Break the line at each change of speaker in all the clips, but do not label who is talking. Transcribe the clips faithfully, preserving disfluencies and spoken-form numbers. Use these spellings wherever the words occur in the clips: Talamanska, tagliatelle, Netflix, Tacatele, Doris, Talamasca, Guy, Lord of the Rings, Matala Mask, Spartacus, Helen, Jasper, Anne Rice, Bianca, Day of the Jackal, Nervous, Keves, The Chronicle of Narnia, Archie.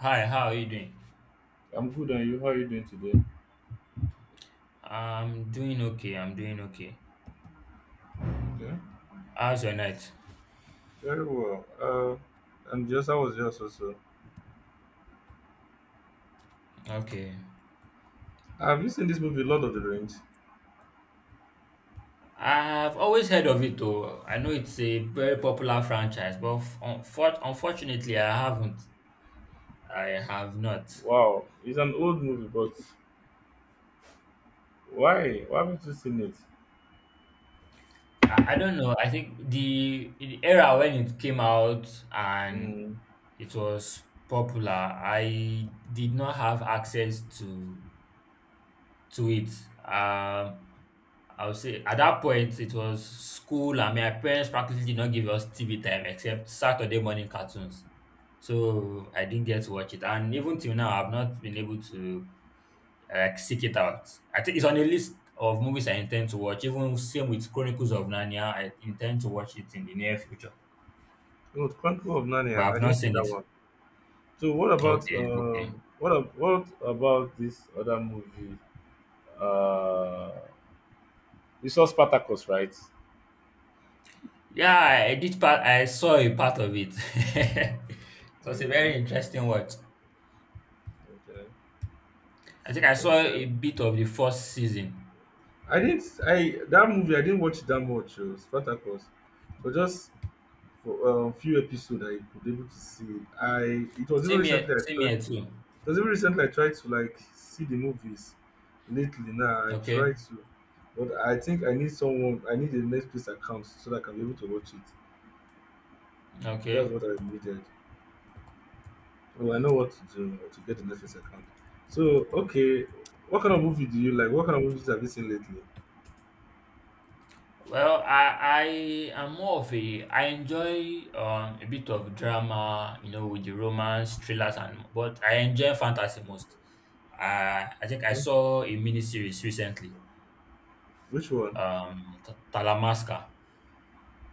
Hi, how are you doing?
I'm good, and you? How are you doing today?
I'm doing okay. I'm doing okay.
Okay,
How's your night?
very well. Uh, and just I was just also.
Okay.
Have you seen this movie, Lord of the Rings?
I've always heard of it though. I know it's a very popular franchise, but f- unfor- unfortunately, I haven't. I have not.
Wow, it's an old movie, but why? Why haven't you seen it?
I, I don't know. I think the, the era when it came out and
Mm.
it was popular, I did not have access to to it. Um, I would say at that point it was school and my parents practically did not give us T V time except Saturday morning cartoons. So I didn't get to watch it. And even till now I've not been able to like seek it out. I think it's on a list of movies I intend to watch. Even same with Chronicles of Narnia, I intend to watch it in the near future.
No, The Chronicle of
But
Narnia. I
I've not
didn't see
seen
that
it.
one. So what about
Okay,
uh,
okay.
What ab- What about this other movie? Uh, you saw Spartacus, right?
Yeah, I did part I saw a part of it. So it's a
Okay,
very interesting watch.
okay,
I think
so,
I saw a
okay.
bit of the first season.
I didn't. I that movie. I didn't watch that much. Oh, Spartacus. So just for um, few episodes I could able to see it. I it was even
Same here,
recently I
same
tried
here too.
it was even recently I tried to like see the movies lately now. I
Okay,
try to, but I think I need someone, I need a Netflix account so that I can be able to watch it.
okay.
That's what I needed. Oh, I know what to do to get a Netflix account. So okay, what kind of movie do you like? What kind of movies have you seen lately?
Well, I I am more of a I enjoy um a bit of drama, you know, with the romance, thrillers, and but I enjoy fantasy most. I I think I
Huh?
saw a mini series recently,
Which one?
um, T- Talamasca.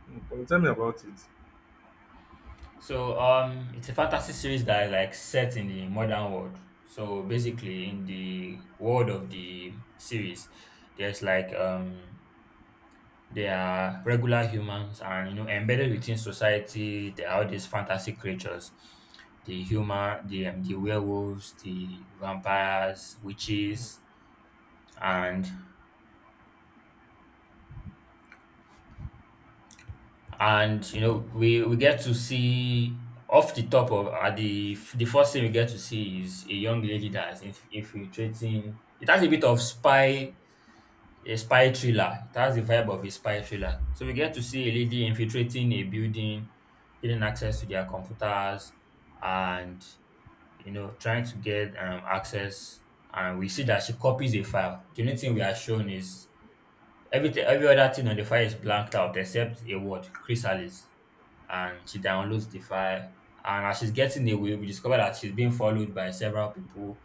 Hmm, tell me about it.
So um, it's a fantasy series that is like set in the modern world. So basically, in the world of the series, there's like um they are regular humans, and you know embedded within society there are all these fantasy creatures. The human the um, the werewolves, the vampires, witches, and and you know we, we get to see off the top of at the the first thing we get to see is a young lady that's inf- infiltrating. It has a bit of spy A spy thriller. It has the vibe of a spy thriller. So we get to see a lady infiltrating a building, getting access to their computers, and you know, trying to get um, access. And we see that she copies a file. The only thing we are shown is everything, every other thing on the file is blanked out except a word, chrysalis. And she downloads the file. And as she's getting away, we discover that she's being followed by several people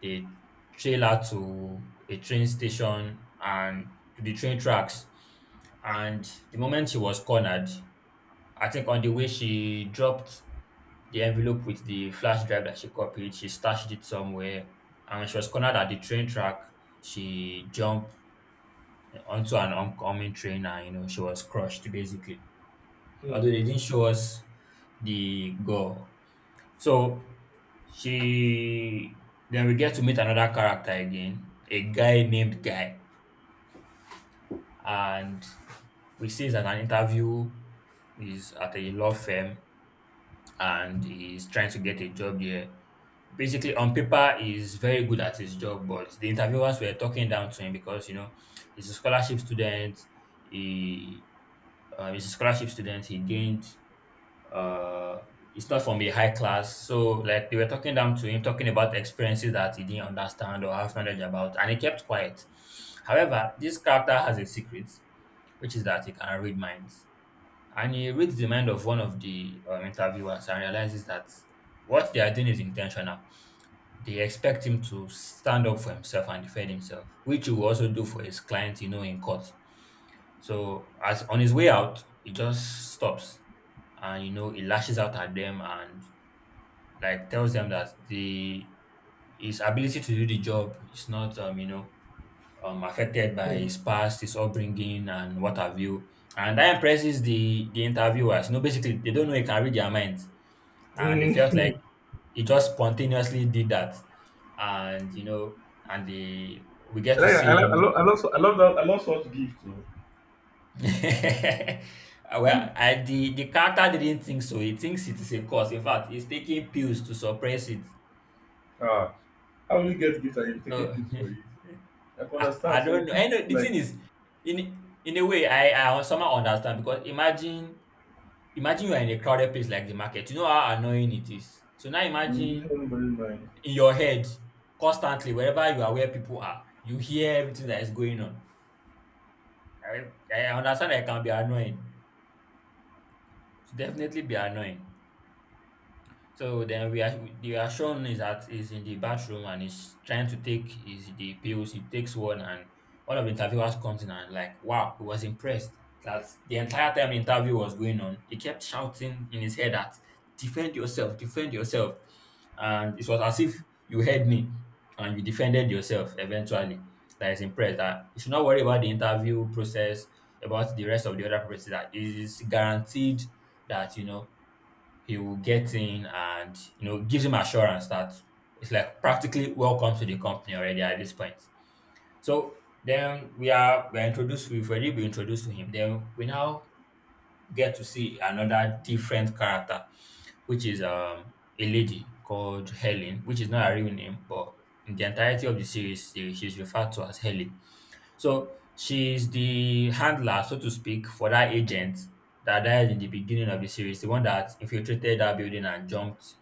the trailer to a train station and to the train tracks. And the moment she was cornered, I think on the way she dropped the envelope with the flash drive that she copied, she stashed it somewhere. And when she was cornered at the train track, she jumped onto an oncoming train, and you know she was crushed basically.
Hmm.
Although they didn't show us the gore. So she then we get to meet another character again, a guy named Guy, and we see he's at an interview, he's at a law firm and he's trying to get a job here. Basically, on paper, he's very good at his job, but the interviewers were talking down to him because you know he's a scholarship student. He um, he's a scholarship student. He gained uh it's not from a high class. So like they were talking down to him, talking about experiences that he didn't understand or have knowledge about, and he kept quiet. However, this character has a secret, which is that he can read minds. And he reads the mind of one of the um, interviewers and realizes that what they are doing is intentional. They expect him to stand up for himself and defend himself, which he will also do for his client, you know, in court. So as on his way out, he just stops and you know he lashes out at them and like tells them that the his ability to do the job is not um you know um affected by
Hmm.
his past, his upbringing and what have you. And that impresses the the interviewers. You know, basically they don't know he can read their minds, and they felt like he just spontaneously did that. And you know and the we get
I
to
like I
see
like I
him
love I love I love that. I love such gift.
Well, I, the the character didn't think so. He thinks it is a cause. In fact, he's taking pills to suppress it.
Ah, how will you get guitar if taking
No,
pills for it? I can
I, I
understand
don't
some
know. I
people
know the
like
thing is, in in a way, I I somehow understand, because imagine imagine you are in a crowded place like the market. You know how annoying it is. So now
mm, using
imagine
anybody's mind.
in your head constantly wherever you are, where people are, you hear everything that is going on. I I understand that it can be annoying. It's definitely be annoying. So then we are we are shown is that he's in the bathroom and he's trying to take his the pills. He takes one, and one of the interviewers comes in and like wow, he was impressed that the entire time the interview was going on, he kept shouting in his head that defend yourself, defend yourself. And it was as if you heard me and you defended yourself eventually. That is impressed that you should not worry about the interview process, about the rest of the other process, that it is guaranteed that you know he will get in, and you know gives him assurance that it's like practically welcome to the company already at this point. So then we are we're introduced, we've already been introduced to him. Then we now get to see another different character, which is um a lady called Helen, which is not her real name, but in the entirety of the series, she- she's referred to as Helen. So she's the handler, so to speak, for that agent that died in the beginning of the series, the one that infiltrated that building and jumped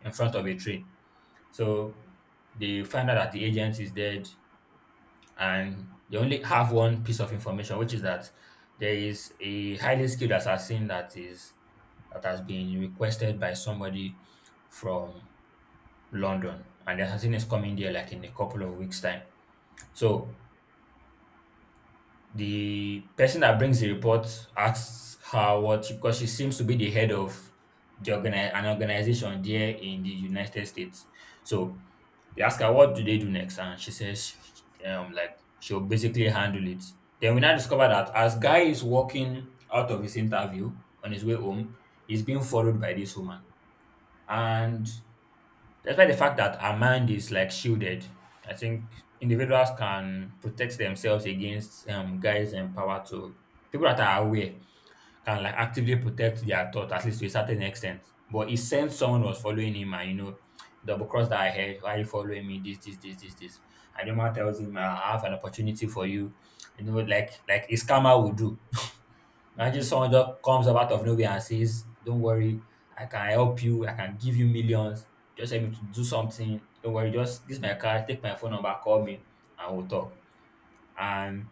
in front of a train. So they find out that the agent is dead, and they only have one piece of information, which is that there is a highly skilled assassin that is that has been requested by somebody from London, and the assassin is coming there like in a couple of weeks' time. So the person that brings the report asks her what she, because she seems to be the head of the organi- an organization there in the United States. So they ask her what do they do next, and she says, um, like she'll basically handle it. Then we now discover that as Guy is walking out of his interview on his way home, he's being followed by this woman, and despite the fact that our mind is like shielded, I think individuals can protect themselves against um, guys and power to people that are aware can like actively protect their thought at least to a certain extent. But he sensed someone was following him, and you know double cross that I heard, why are you following me? This, this, this, this, this. And the man tells him, I have an opportunity for you. You know, like like a scammer would do. Imagine
Mm-hmm.
someone just comes up out of nowhere and says, don't worry, I can help you, I can give you millions, just help me to do something. Don't worry, just this is my card, take my phone number, call me, and we'll talk. And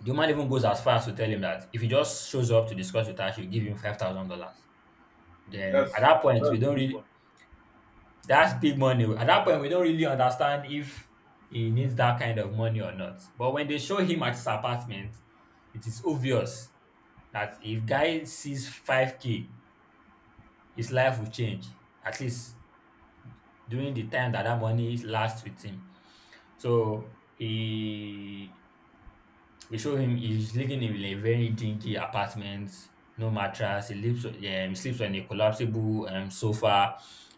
the woman even goes as far as to tell him that if he just shows up to discuss with her, she'll give him five thousand dollars. Then at
That's
that point,
that's a
we don't
good
really
one.
that's big money. At that point, we don't really understand if he needs that kind of money or not. But when they show him at his apartment, it is obvious that if guy sees five k his life will change, at least during the time that that money lasts with him. So he we show him he's living in a very dinky apartment, no mattress. He lives on- um, he sleeps on a collapsible um, sofa,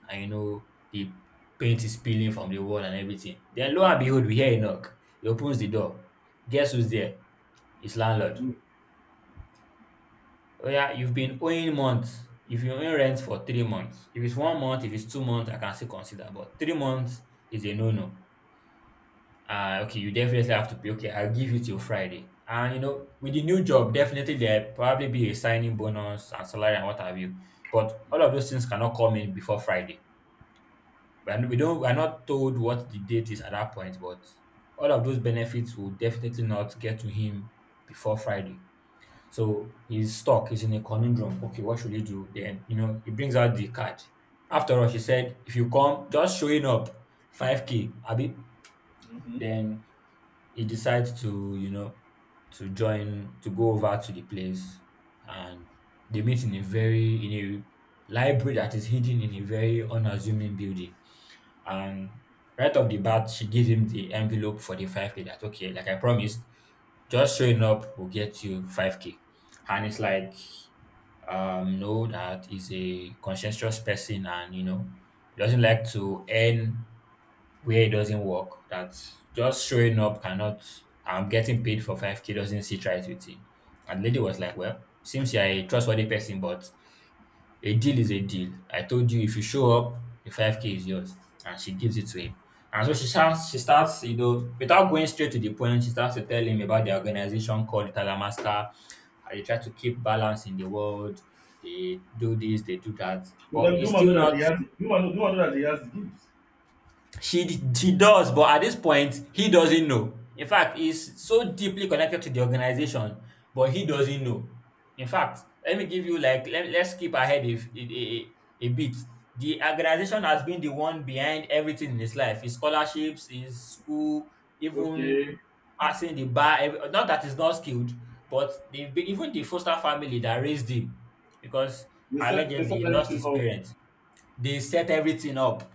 and you know the paint is peeling from the wall and everything. Then lo and behold, we hear a knock. He opens the door. Guess who's there? His landlord. Oh yeah, you've been owing months. If you owe rent for three months, if it's one month, if it's two months, I can still consider. But three months is a no-no. Ah, okay, you definitely have to pay. Okay, I'll give you till Friday. And you know, with the new job, definitely there probably be a signing bonus and salary and what have you. But all of those things cannot come in before Friday. We are, we don't we are not told what the date is at that point, but all of those benefits will definitely not get to him before Friday. So he's stuck, he's in a conundrum. Okay, what should he do? Then, you know, he brings out the card. After all, she said, if you come, just showing up, five K, Abi.
Mm-hmm.
Then he decides to, you know, to join, to go over to the place. And they meet in a very, in a library that is hidden in a very unassuming building. And right off the bat, she gives him the envelope for the five K that, okay, like I promised, just showing up will get you five K. And it's like, um, know that he's a conscientious person, and you know he doesn't like to earn where it doesn't work. That just showing up cannot. I'm getting paid for five k doesn't sit right with him. And the lady was like, "Well, seems you're a trustworthy person, but a deal is a deal. I told you if you show up, the five K is yours." And she gives it to him. And so she starts, she starts, you know, without going straight to the point, she starts to tell him about the organization called Talamasca. How they try to keep balance in the world. They do this, they do that.
But then
But
do
it's
you know
still
that
not.
he has do you know, do you know that he has gifts.
She d- she does, but at this point, he doesn't know. In fact, he's so deeply connected to the organization, but he doesn't know. In fact, let me give you, like, let, let's skip ahead if a, a, a bit. The organization has been the one behind everything in his life: his scholarships, his school, even
Okay.
passing the bar. ev- Not that he's not skilled, but they've been, even the foster family that raised him, because
They set they
allegedly he
set
lost
everything
his
up.
parents. They set everything up.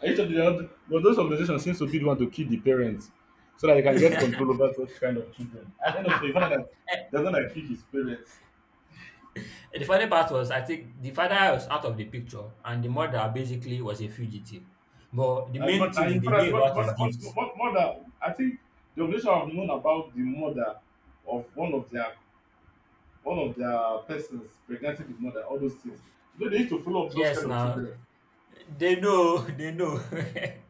And each of the, but those organizations seem to be the one to kill the parents so that they can get control over such kind of children. At the end of the day, you find out that doesn't like kill his parents.
The funny part was, I think the father was out of the picture and the mother basically was a fugitive. But the
I
main
got
thing
I
is they knew
important what
about his
what
gift.
what what mother. I think the organization have known about the mother of one of their one of their persons pregnancy the mother, all those things. You know, they used to follow up those
Yes,
kind of
now
children.
they know, they know.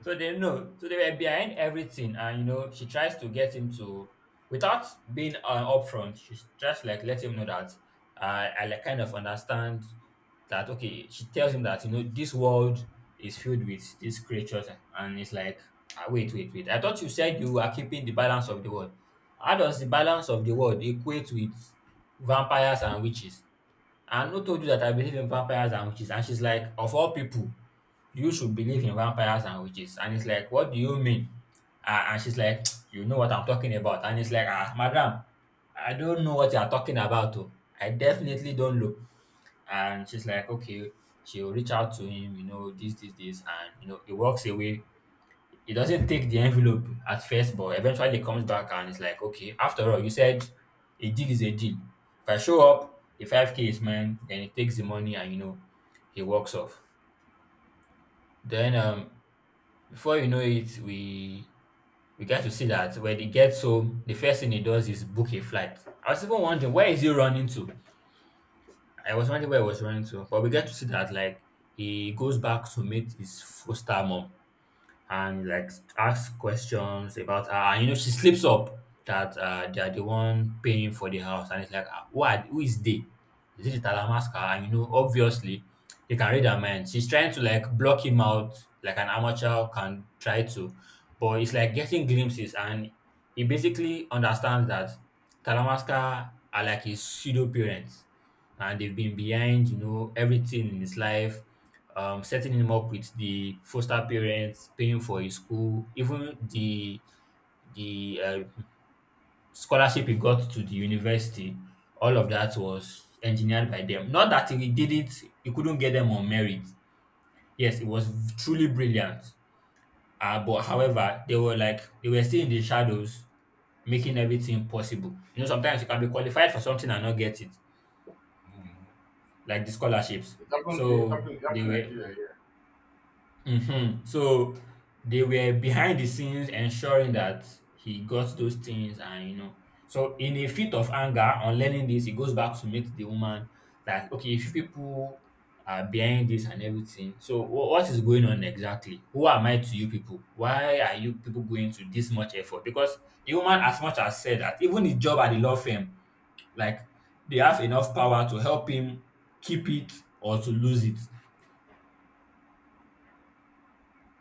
So they know. So they were behind everything, and you know, she tries to get him to, without being uh, upfront, she just like let him know that I, I like kind of understand that. Okay, she tells him that, you know, this world is filled with these creatures. And it's like, ah, wait, wait, wait. I thought you said you were keeping the balance of the world. How does the balance of the world equate with vampires and witches? And who told you that I believe in vampires and witches? And she's like, of all people, you should believe in vampires and witches. And it's like, what do you mean? Ah, and she's like, you know what I'm talking about. And it's like, ah, madam, I don't know what you're talking about. Oh. I definitely don't know. And she's like, okay, she'll reach out to him, you know, this, this, this. And, you know, he walks away. He doesn't take the envelope at first, but eventually he comes back and it's like, okay, after all, you said a deal is a deal. If I show up, the five K is mine, then he takes the money and, you know, he walks off. Then, um, before you know it, we we get to see that when he gets home, the first thing he does is book a flight. I was even wondering where is he running to. I was wondering where he was running to, but we get to see that, like, he goes back to meet his foster mom and, like, ask questions about her. And you know, she slips up that uh, they are the one paying for the house, and it's like, "Ah, who are, who is they? Is it the Talamasca?" And you know, obviously, you can read her mind. She's trying to, like, block him out, like an amateur can try to, but it's like getting glimpses, and he basically understands that Talamasca are like his pseudo parents, and they've been behind, you know, everything in his life, um, setting him up with the foster parents, paying for his school, even the the uh, scholarship he got to the university. All of that was engineered by them. Not that he did it; he couldn't get them on merit. Yes, it was truly brilliant. Uh, but however, they were like they were still in the shadows, making everything possible. You know, sometimes you can be qualified for something and not get it, like the scholarships.
It happened, it
So
happened, it
they
happened in
were.
Nigeria, yeah.
Mhm. So they were behind the scenes ensuring that he got those things, and you know. So in a fit of anger on learning this, he goes back to meet the woman. Like, okay, if you people are behind this and everything, so wh- what is going on exactly? Who am I to you people? Why are you people going to this much effort? Because the woman, as much as said that even his job at the law firm, like, they have enough power to help him keep it or to lose it.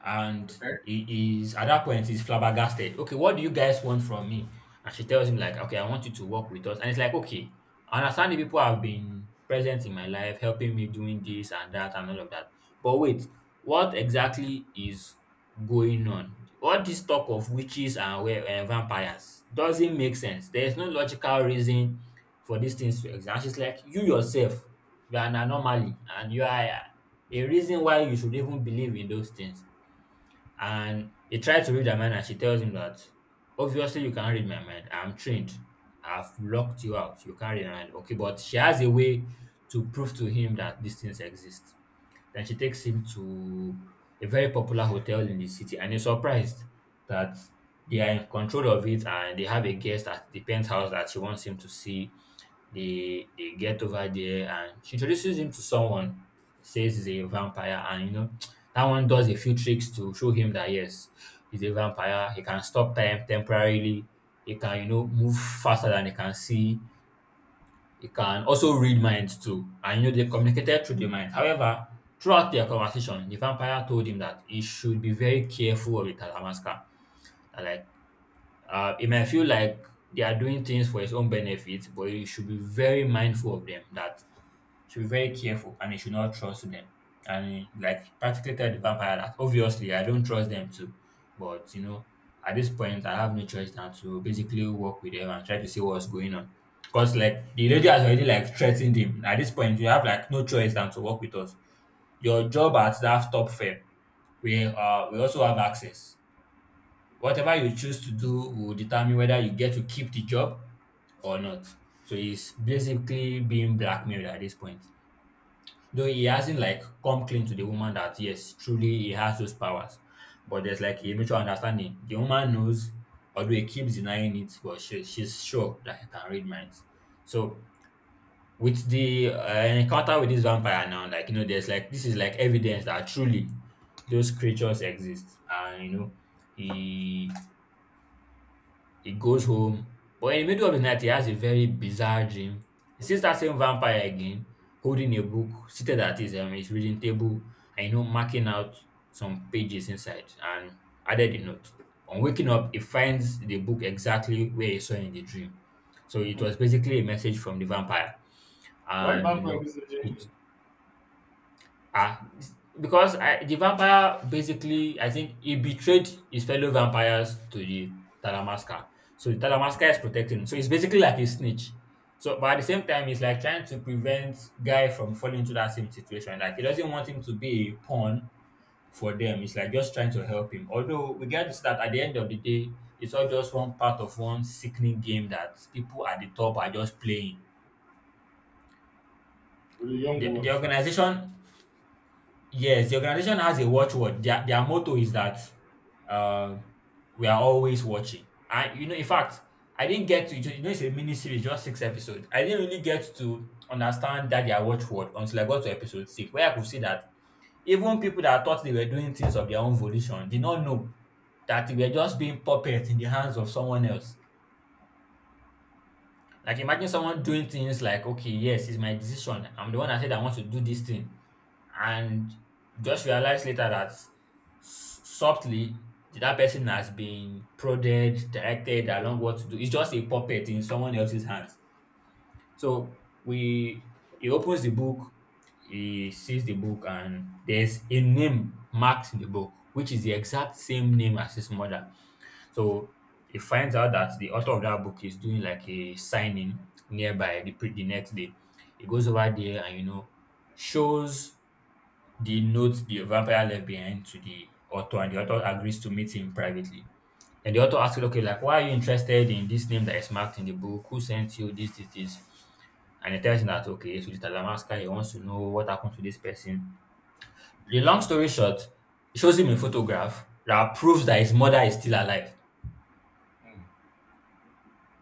And
Okay.
he is, at that point, he's flabbergasted. Okay, what do you guys want from me? And she tells him, like, okay, I want you to work with us. And it's like, okay, I understand the people have been present in my life, helping me, doing this and that and all of that. But wait, what exactly is going on? All this talk of witches and we- eh, vampires doesn't make sense. There is no logical reason for these things to exist. And she's like, you yourself, you are an anomaly, and you are a reason why you should even believe in those things. And he tried to read her mind, and she tells him that, obviously, you can't read my mind. I'm trained. I've locked you out. You can't read my mind. Okay, but she has a way to prove to him that these things exist. Then she takes him to a very popular hotel in the city, and he's surprised that they are in control of it and they have a guest at the penthouse that she wants him to see. They they get over there, and she introduces him to someone, says he's a vampire, and you know, that one does a few tricks to show him that yes, he's a vampire, he can stop time temporarily, he can, you know, move faster than he can see. They can also read minds too, and you know, they communicated through the mind. However, throughout their conversation, the vampire told him that he should be very careful of the Talamasca. That, like, uh, it might feel like they are doing things for its own benefit, but you should be very mindful of them. That should be very careful, and you should not trust them. And, like, practically tell the vampire that, obviously, I don't trust them too, but you know, at this point I have no choice than to basically work with them and try to see what's going on. Because, like, the lady has already, like, threatened him. At this point, you have, like, no choice than to work with us. Your job at that top firm, we uh we also have access. Whatever you choose to do will determine whether you get to keep the job or not. So he's basically being blackmailed at this point. Though he hasn't, like, come clean to the woman that yes, truly he has those powers. But there's, like, a mutual understanding. The woman knows, although he keeps denying it, but she, she's sure that he can read minds. So with the uh, encounter with this vampire now, like, you know, there's like, this is like evidence that truly those creatures exist, and you know, he He goes home, but in the middle of the night, he has a very bizarre dream. He sees that same vampire again, holding a book, seated at his, um, his reading table, and you know, marking out some pages inside and added a note. On waking up, he finds the book exactly where he saw in the dream. So it
Hmm.
was basically a message from the vampire.
Why
And you
bank
know,
like this
it
journey
ah, because I, the vampire basically, I think he betrayed his fellow vampires to the Talamasca. So the Talamasca is protecting him. So it's basically like a snitch. So, but at the same time, it's like trying to prevent Guy from falling into that same situation. Like, he doesn't want him to be a pawn for them. It's like just trying to help him. Although we get to see that at the end of the day, it's all just one part of one sickening game that people at the top are just playing.
with the young
The, the
ones, Abi?
organization Yes, the organization has a watchword. Their their motto is that, uh, we are always watching. I you know, In fact, I didn't get to. You know it's a mini series, just six episodes. I didn't really get to understand that their watchword until I got to episode six, where I could see that even people that thought they were doing things of their own volition did not know that they were just being puppets in the hands of someone else. Like imagine someone doing things like, okay, yes, it's my decision. I'm the one that said I want to do this thing. And just realize later that s- softly that person has been prodded, directed along what to do. It's just a puppet in someone else's hands. So we he opens the book, he sees the book, and there's a name marked in the book, which is the exact same name as his mother. So he finds out that the author of that book is doing like a signing nearby the, pre- the next day. He goes over there and, you know, shows the notes the vampire left behind to the author, and the author agrees to meet him privately. And the author asks him, okay, like, why are you interested in this name that is marked in the book? Who sent you this, this, this? And he tells him that, okay, so Mister Talamasca, he wants to know what happened to this person. The long story short, he shows him a photograph that proves that his mother is still alive.
Hmm.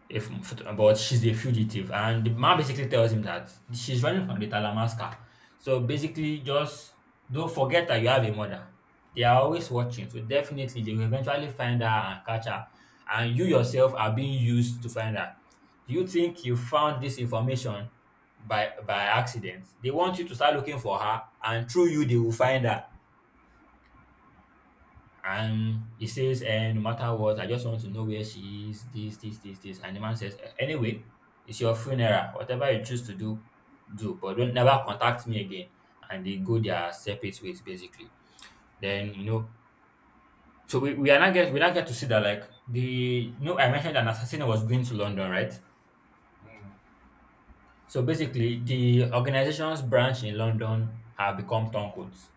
If But she's a fugitive, and the man basically tells him that she's running from the Talamasca. So basically, just don't forget that you have a mother. They are always watching, so definitely they will eventually find her and catch her. And you yourself are being used to find her. Do you think you found this information by by accident? They want you to start looking for her, and through you they will find her. And he says, eh, no matter what, I just want to know where she is, this, this, this, this. And the man says, "Eh, anyway, it's your funeral. Whatever you choose to do, do. But don't never contact me again." And they go their separate ways, basically. Then, you know, so we, we are not get we not get to see that like the you know I mentioned an assassin was going to London, right?
Mm.
So basically the organization's branch in London have become turncoats.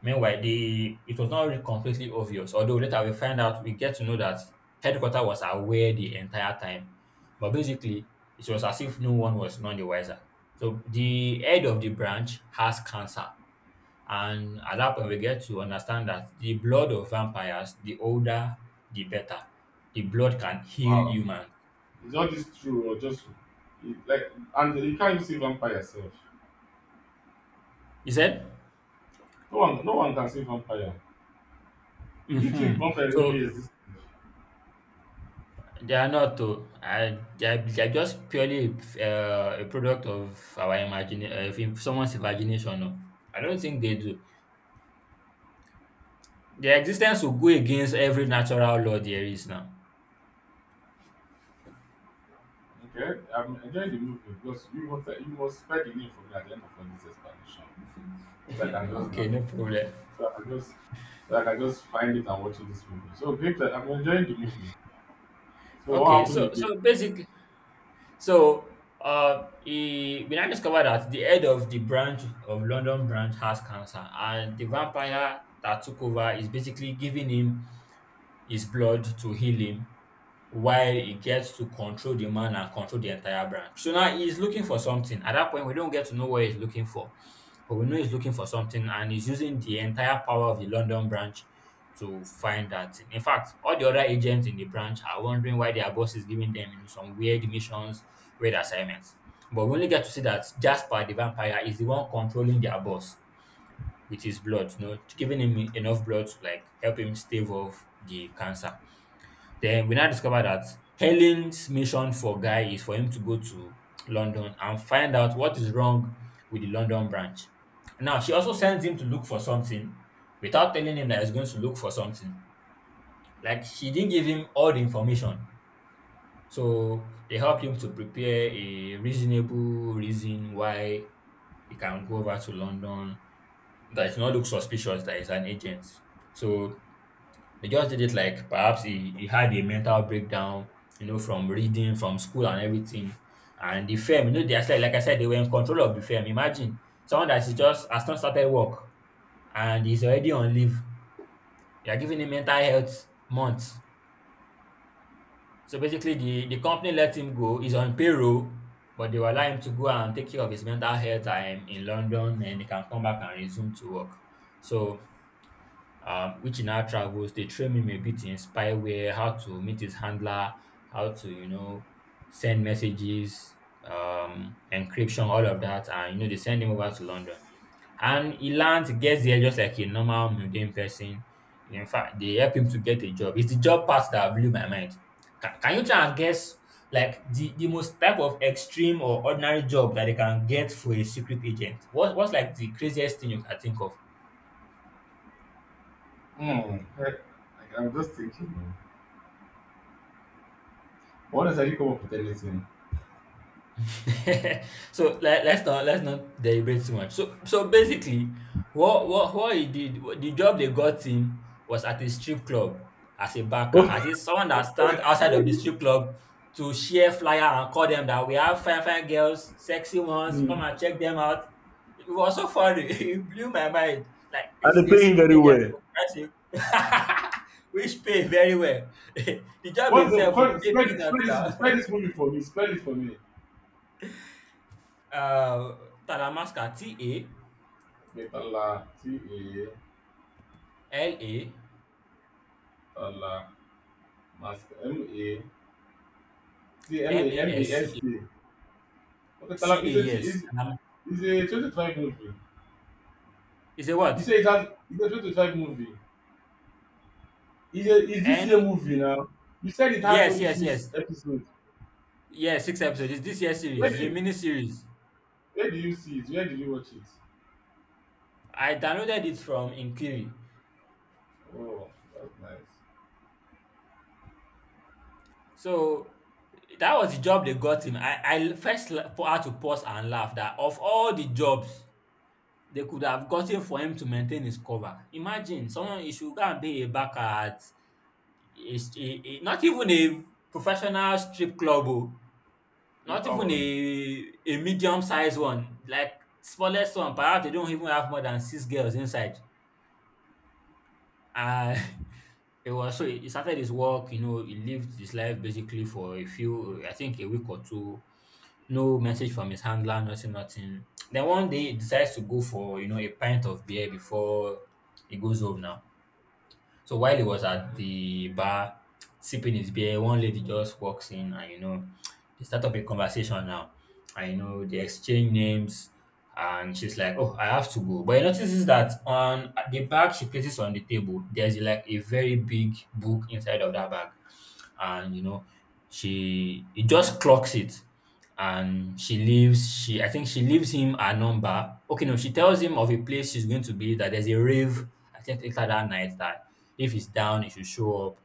Meanwhile, the it was not really completely obvious, although later we find out we get to know that headquarters was aware the entire time. But basically, it was as if no one was none the wiser. So the head of the branch has cancer. And at that point, we get to understand that the blood of vampires, the older, the better. The blood can heal
Wow.
humans.
Is all this true or just it, like, and you can't even see vampire yourself.
He said,
No one no one can see vampire. Do you think
hmm
vampire
so
really exists?
they are not though. I, they're, they're just purely uh, a product of our imagination, uh, if- if someone's imagination. No. I don't think they do. Their existence will go against every natural law there is now.
Okay, I'm enjoying the movie because you must you must spell the name for me at the end of all this explanation so that I can just now,
Okay, no problem.
so I can just, so I can just find it and watch this movie. So great, that I'm enjoying the movie. So what
Okay,
happened
so
again?
so basically, so uh, he, we now discovered that the head of the branch of London branch has cancer, and the vampire that took over is basically giving him his blood to heal him while he gets to control the man and control the entire branch. So now he's looking for something. At that point, we don't get to know what he's looking for, but we know he's looking for something and he's using the entire power of the London branch to find that thing. In fact, all the other agents in the branch are wondering why their boss is giving them you know, some weird missions, weird assignments. But we only get to see that Jasper the vampire is the one controlling their boss with his blood, you know, giving him enough blood to like help him stave off the cancer. Then we now discover that Helen's mission for Guy is for him to go to London and find out what is wrong with the London branch. Now, she also sends him to look for something without telling him that he's going to look for something. Like, she didn't give him all the information. So, they help him to prepare a reasonable reason why he can go over to London, that it not look suspicious that he's an agent. So, they just did it like perhaps he, he had a mental breakdown, you know, from reading, from school and everything. And the firm, you know, they are like, like I said, they were in control of the firm. Imagine someone that is just has not started work and is already on leave. They are giving him mental health months. So basically the, the company let him go, he's on payroll, but they will allow him to go and take care of his mental health time in London and he can come back and resume to work. So um, which in our travels they train him a bit in spyware, how to meet his handler, how to you know send messages, um, encryption, all of that, and you know they send him over to London, and he learns, gets there just like a normal mundane person. In fact, they help him to get a job. It's the job part that blew my mind. Can, can you try and guess like the, the most type of extreme or ordinary job that they can get for a secret agent? What what's like the craziest thing you can think of?
Hmm. Eh, like, I'm just thinking, man. What does you come up with anything?
So let, let's not let's not deliberate too much. So so basically, what what what he did, what, the job they got him was at a strip club as a backer, at
Oh,
least someone that stand outside of the strip club to share flyer and call them that we have fine fine girls, sexy ones,
mm,
come and check them out. It was so funny. It blew my mind. Like
and
this is
they
a
pay
secret
very
agent
well.
for Christ's sake. Which pay very well. The job
What's the
itself will
what,
pay
spell this spell
peanuts
this
now.
spell this movie for me? Spell it for me.
Uh, Talamasca,
Metala T A
T A L A M A S C A,
Tala Mask M A T L A M A S K. Okay, Tala,
C-A,
it's a, t-
yes.
it's,
Talama
it's a twenty twenty-five movie.
It's a S C A, yes. Um, is it
You say
what?
it has it's a twenty twenty-five movie. Is a is this
And
year movie now? You said it has
yes,
only
yes, yes.
six episodes.
Yes, six episodes. It's this year's
Where
series.
do
It's a
you
mini series.
where do you see it? Where did you watch it?
I downloaded it from Inkiri.
Oh, that's nice.
So that was the job they got him. I, I first la- had to pause and laugh that of all the jobs they could have gotten for him to maintain his cover. Imagine someone he should go and be a backer at a, st- a, a, not even a professional strip club. Oh. Not
Local
even
one.
a a medium sized one, like smallest one, perhaps they don't even have more than six girls inside. And it was so he he started his work, you know, he lived his life basically for a few, I think a week or two. No message from his handler, nothing, nothing. Then one day he decides to go for, you know, a pint of beer before he goes home now. So while he was at the bar sipping his beer, one lady just walks in and you know, they start up a conversation now. And you know, they exchange names and she's like, oh, I have to go. But he notices that on the bag she places on the table, there's like a very big book inside of that bag. And you know, she he just clocks it and she leaves she I think she leaves him a number okay no she tells him of a place she's going to be, that there's a rave I think later that night, that if he's down, he should show up.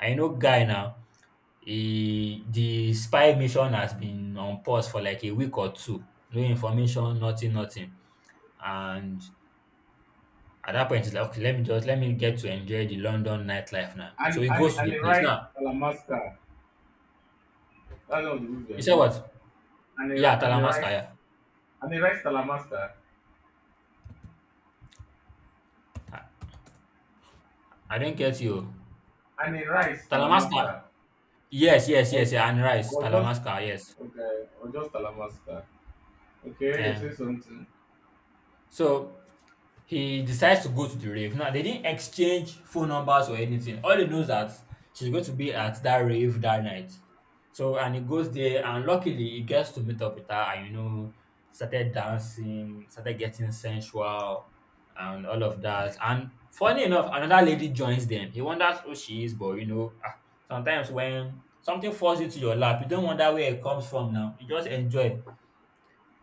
I know, guy now, he, the spy mission has been on pause for like a week or two. No information, nothing, nothing. And at that point, it's like, okay, let me just let me get to enjoy the London nightlife now. So
And
he
and
goes to
and
the
a
place.
rice
Now,
talamaster. That's not the movie, I
you said
believe.
what?
And
Yeah,
a and a
Talamasca.
rice,
Yeah.
and a rice talamaster.
I do not get you.
And a rice
Talamasca.
talamaster.
Yes, yes,
Or
yes, yeah, and rice.
or just
Talamasca, yes.
okay, or just talamaster. Okay, you say
And
something.
so he decides to go to the rave. Now they didn't exchange phone numbers or anything. All they know is that she's going to be at that rave that night. So and he goes there and luckily he gets to meet up with her and you know started dancing, started getting sensual and all of that. And funny enough, another lady joins them. He wonders who she is, but you know, ah, sometimes when something falls into your lap, you don't wonder where it comes from now. You just enjoy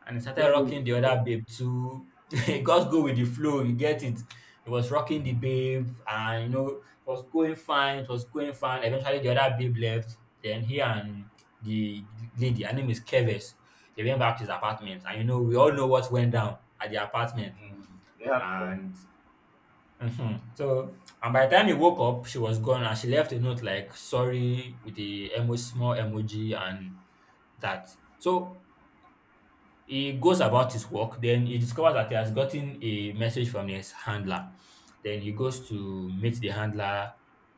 and he started
Just go with
rocking the
the
other babe too. He just go with the flow, you get it. He was rocking the
flow.
babe, and you know, it was going fine, it was going fine. Eventually, the other babe left. Then he and the lady, her name is Keves, they went back to his apartment, and you know, we all know what went down at the apartment.
Mm. They had fun.
And mhm. So, and by the time he woke up, she was gone, and she left a note like "sorry" with the emo small emoji and that. So he goes about his work, then he discovers that he has gotten a message from his handler. Then he goes to meet the handler,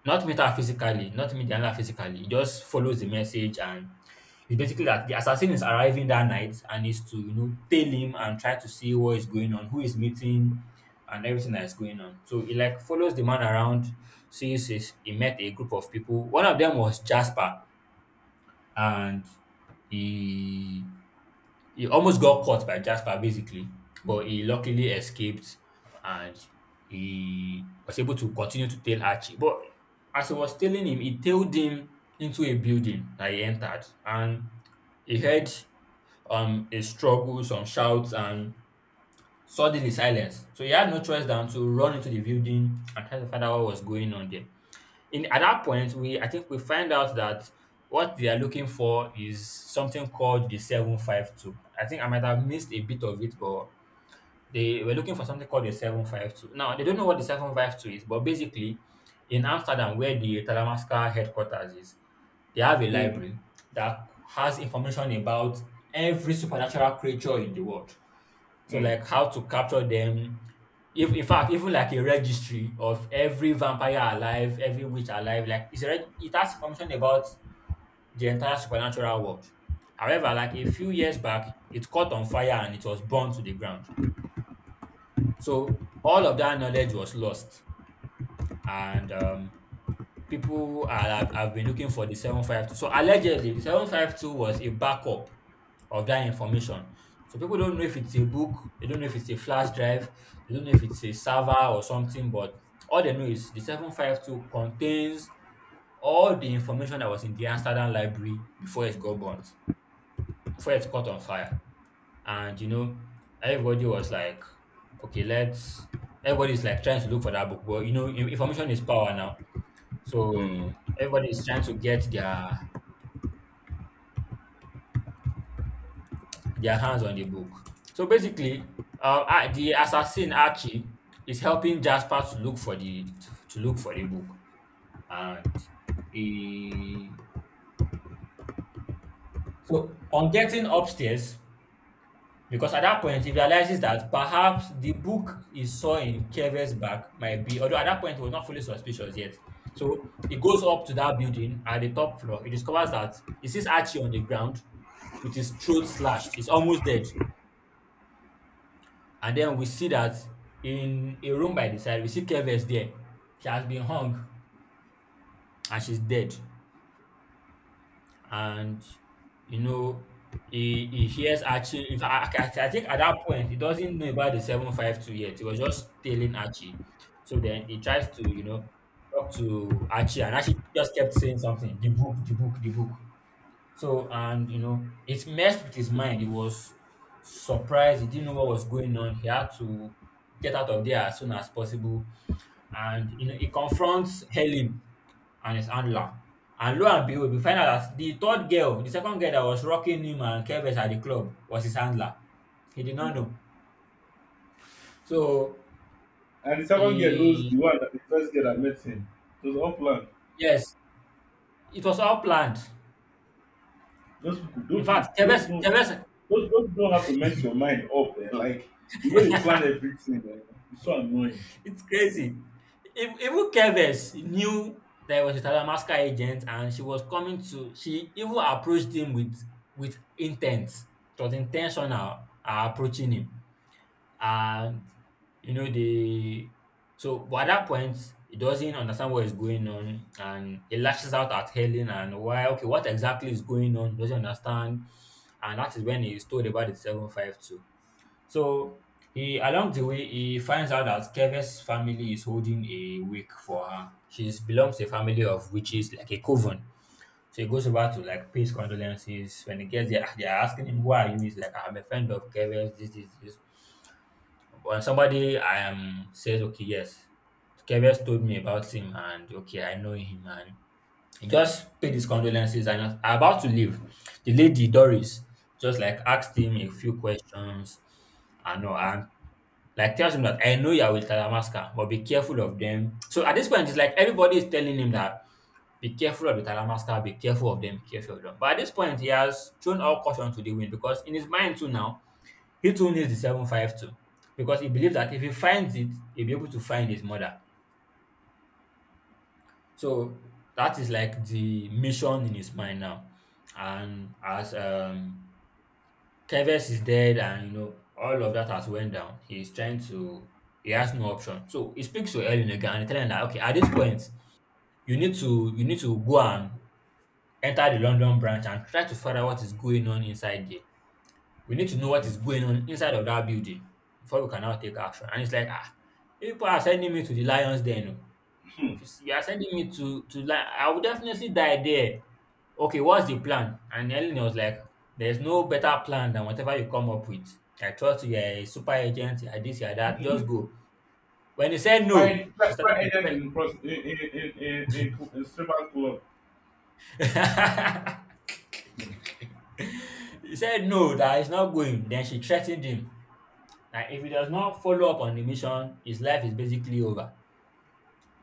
not meet her physically, not meet the handler physically. He just follows the message, and it's basically that the assassin is arriving that night and is to, you know, tail him and try to see what is going on, who is meeting and everything that is going on. So he like follows the man around, sees his, he met a group of people. One of them was Jasper, and he he almost got caught by Jasper basically, but he luckily escaped and he was able to continue to tail Archie. But as he was tailing him, he tailed him into a building that he entered, and he heard um a struggle, some shouts, and suddenly silence. So he had no choice than to run into the building and try to find out what was going on there in at that point we I think we find out that what they are looking for is something called the seven five two. I think I might have missed a bit of it, but they were looking for something called the seven five two. Now they don't know what the seven five two is, but basically in Amsterdam where the Talamasca headquarters is, they have a
Mm,
library that has information about every supernatural creature in the world. So
mm,
like how to capture them. If in fact, even like a registry of every vampire alive, every witch alive, like it's a reg- it has information about the entire supernatural world. However, like a few years back, it caught on fire and it was burned to the ground. So all of that knowledge was lost, and um, people are have, have been looking for the seven five two. So allegedly, the seven five two was a backup of that information. So people don't know if it's a book, they don't know if it's a flash drive, they don't know if it's a server or something, but all they know is the seven five two contains all the information that was in the Amsterdam library before it got burnt, before it caught on fire. And you know, everybody was like, okay, let's everybody's like trying to look for that book. Well, you know, in- information is power now. So
mm.
everybody is trying to get their their hands on the book. So basically, uh, A- the assassin Archie is helping Jasper to look for the to look for the book, and he so on getting upstairs, because at that point, he realizes that perhaps the book he saw in Kere's bag might be, although at that point, he was not fully suspicious yet. So he goes up to that building at the top floor. He discovers that he sees Archie on the ground with his throat slashed. He's almost dead. And then we see that in a room by the side, we see Keves there. She has been hung and she's dead. And you know, he he hears Archie. In fact, I, I, I think at that point he doesn't know about the seven five two yet. He was just telling Archie. So then he tries to, you know, talk to Archie, and Archie just kept saying something. The book, the book, the book. So, and you know, it messed with his mind. He was surprised. He didn't know what was going on. He had to get out of there as soon as possible. And you know, he confronts Helen and his handler. And lo and behold, we find out that the third girl, the second girl that was rocking him and Keves at the club, was his handler. He did not
Mm.
know. So
And the second girl knows
he
the one that the first girl that met him. It was unplanned.
yes, it was all planned.
Those people,
In
those people,
fact,
those
Keves
people, don't-
Keves
those those people don't have to mess your mind up. Eh? Like the way they plan everything, eh? It's so annoying.
it's crazy. Ev- Even Keves knew that he was with Alaska agent, and she was coming to she even approached him with with intent. It was intentional uh, approaching him. And you know the so but at that point he doesn't understand what is going on, and he lashes out at Helen and why okay what exactly is going on, he doesn't understand. And that is when he is told about the seven fifty-two. So he along the way he finds out that Keve's family is holding a wake for her. She belongs to a family of witches, like a coven. So he goes over to like pays condolences. When he gets there, they are asking him, "Who are you?" He's like, "I'm a friend of Keve's." This, this, this. When somebody um says, "Okay, yes, Keves told me about him, and okay, I know him," and he just paid his condolences and was about to leave. The lady, Doris, just like asked him a few questions and all, and like tells him that I know you are with Talamasca, but be careful of them. So at this point, it's like everybody is telling him that be careful of the Talamasca, be careful of them, be careful of them. But at this point, he has thrown all caution to the wind because in his mind too now, he too needs the seven fifty-two because he believes that if he finds it, he'll be able to find his mother. So that is like the mission in his mind now. And as um Keves is dead and you know all of that has went down, he's trying to he has no option. So he speaks to Ellen again and telling her, that, okay, at this point, you need to you need to go and enter the London branch and try to find out what is going on inside there. We need to know what is going on inside of that building before we can now take action. And it's like, ah, you people are sending me to the lions den. Oh. If you s- you are sending me to to lion, I will definitely die there. Okay, what's the plan? And Ellen was like, there's no better plan than whatever you come up with. I trust you, you're a super agent, you're this, you're that, just go. When he said no,
Spy,
she
spy, spy
started to
agent
threat.
in, prost- in, in, in, in, in, cl- in stripper club. Hmm.
He said no, that he's not going. Then she threatened him. Like, if he does not follow up on the mission, his life is basically over.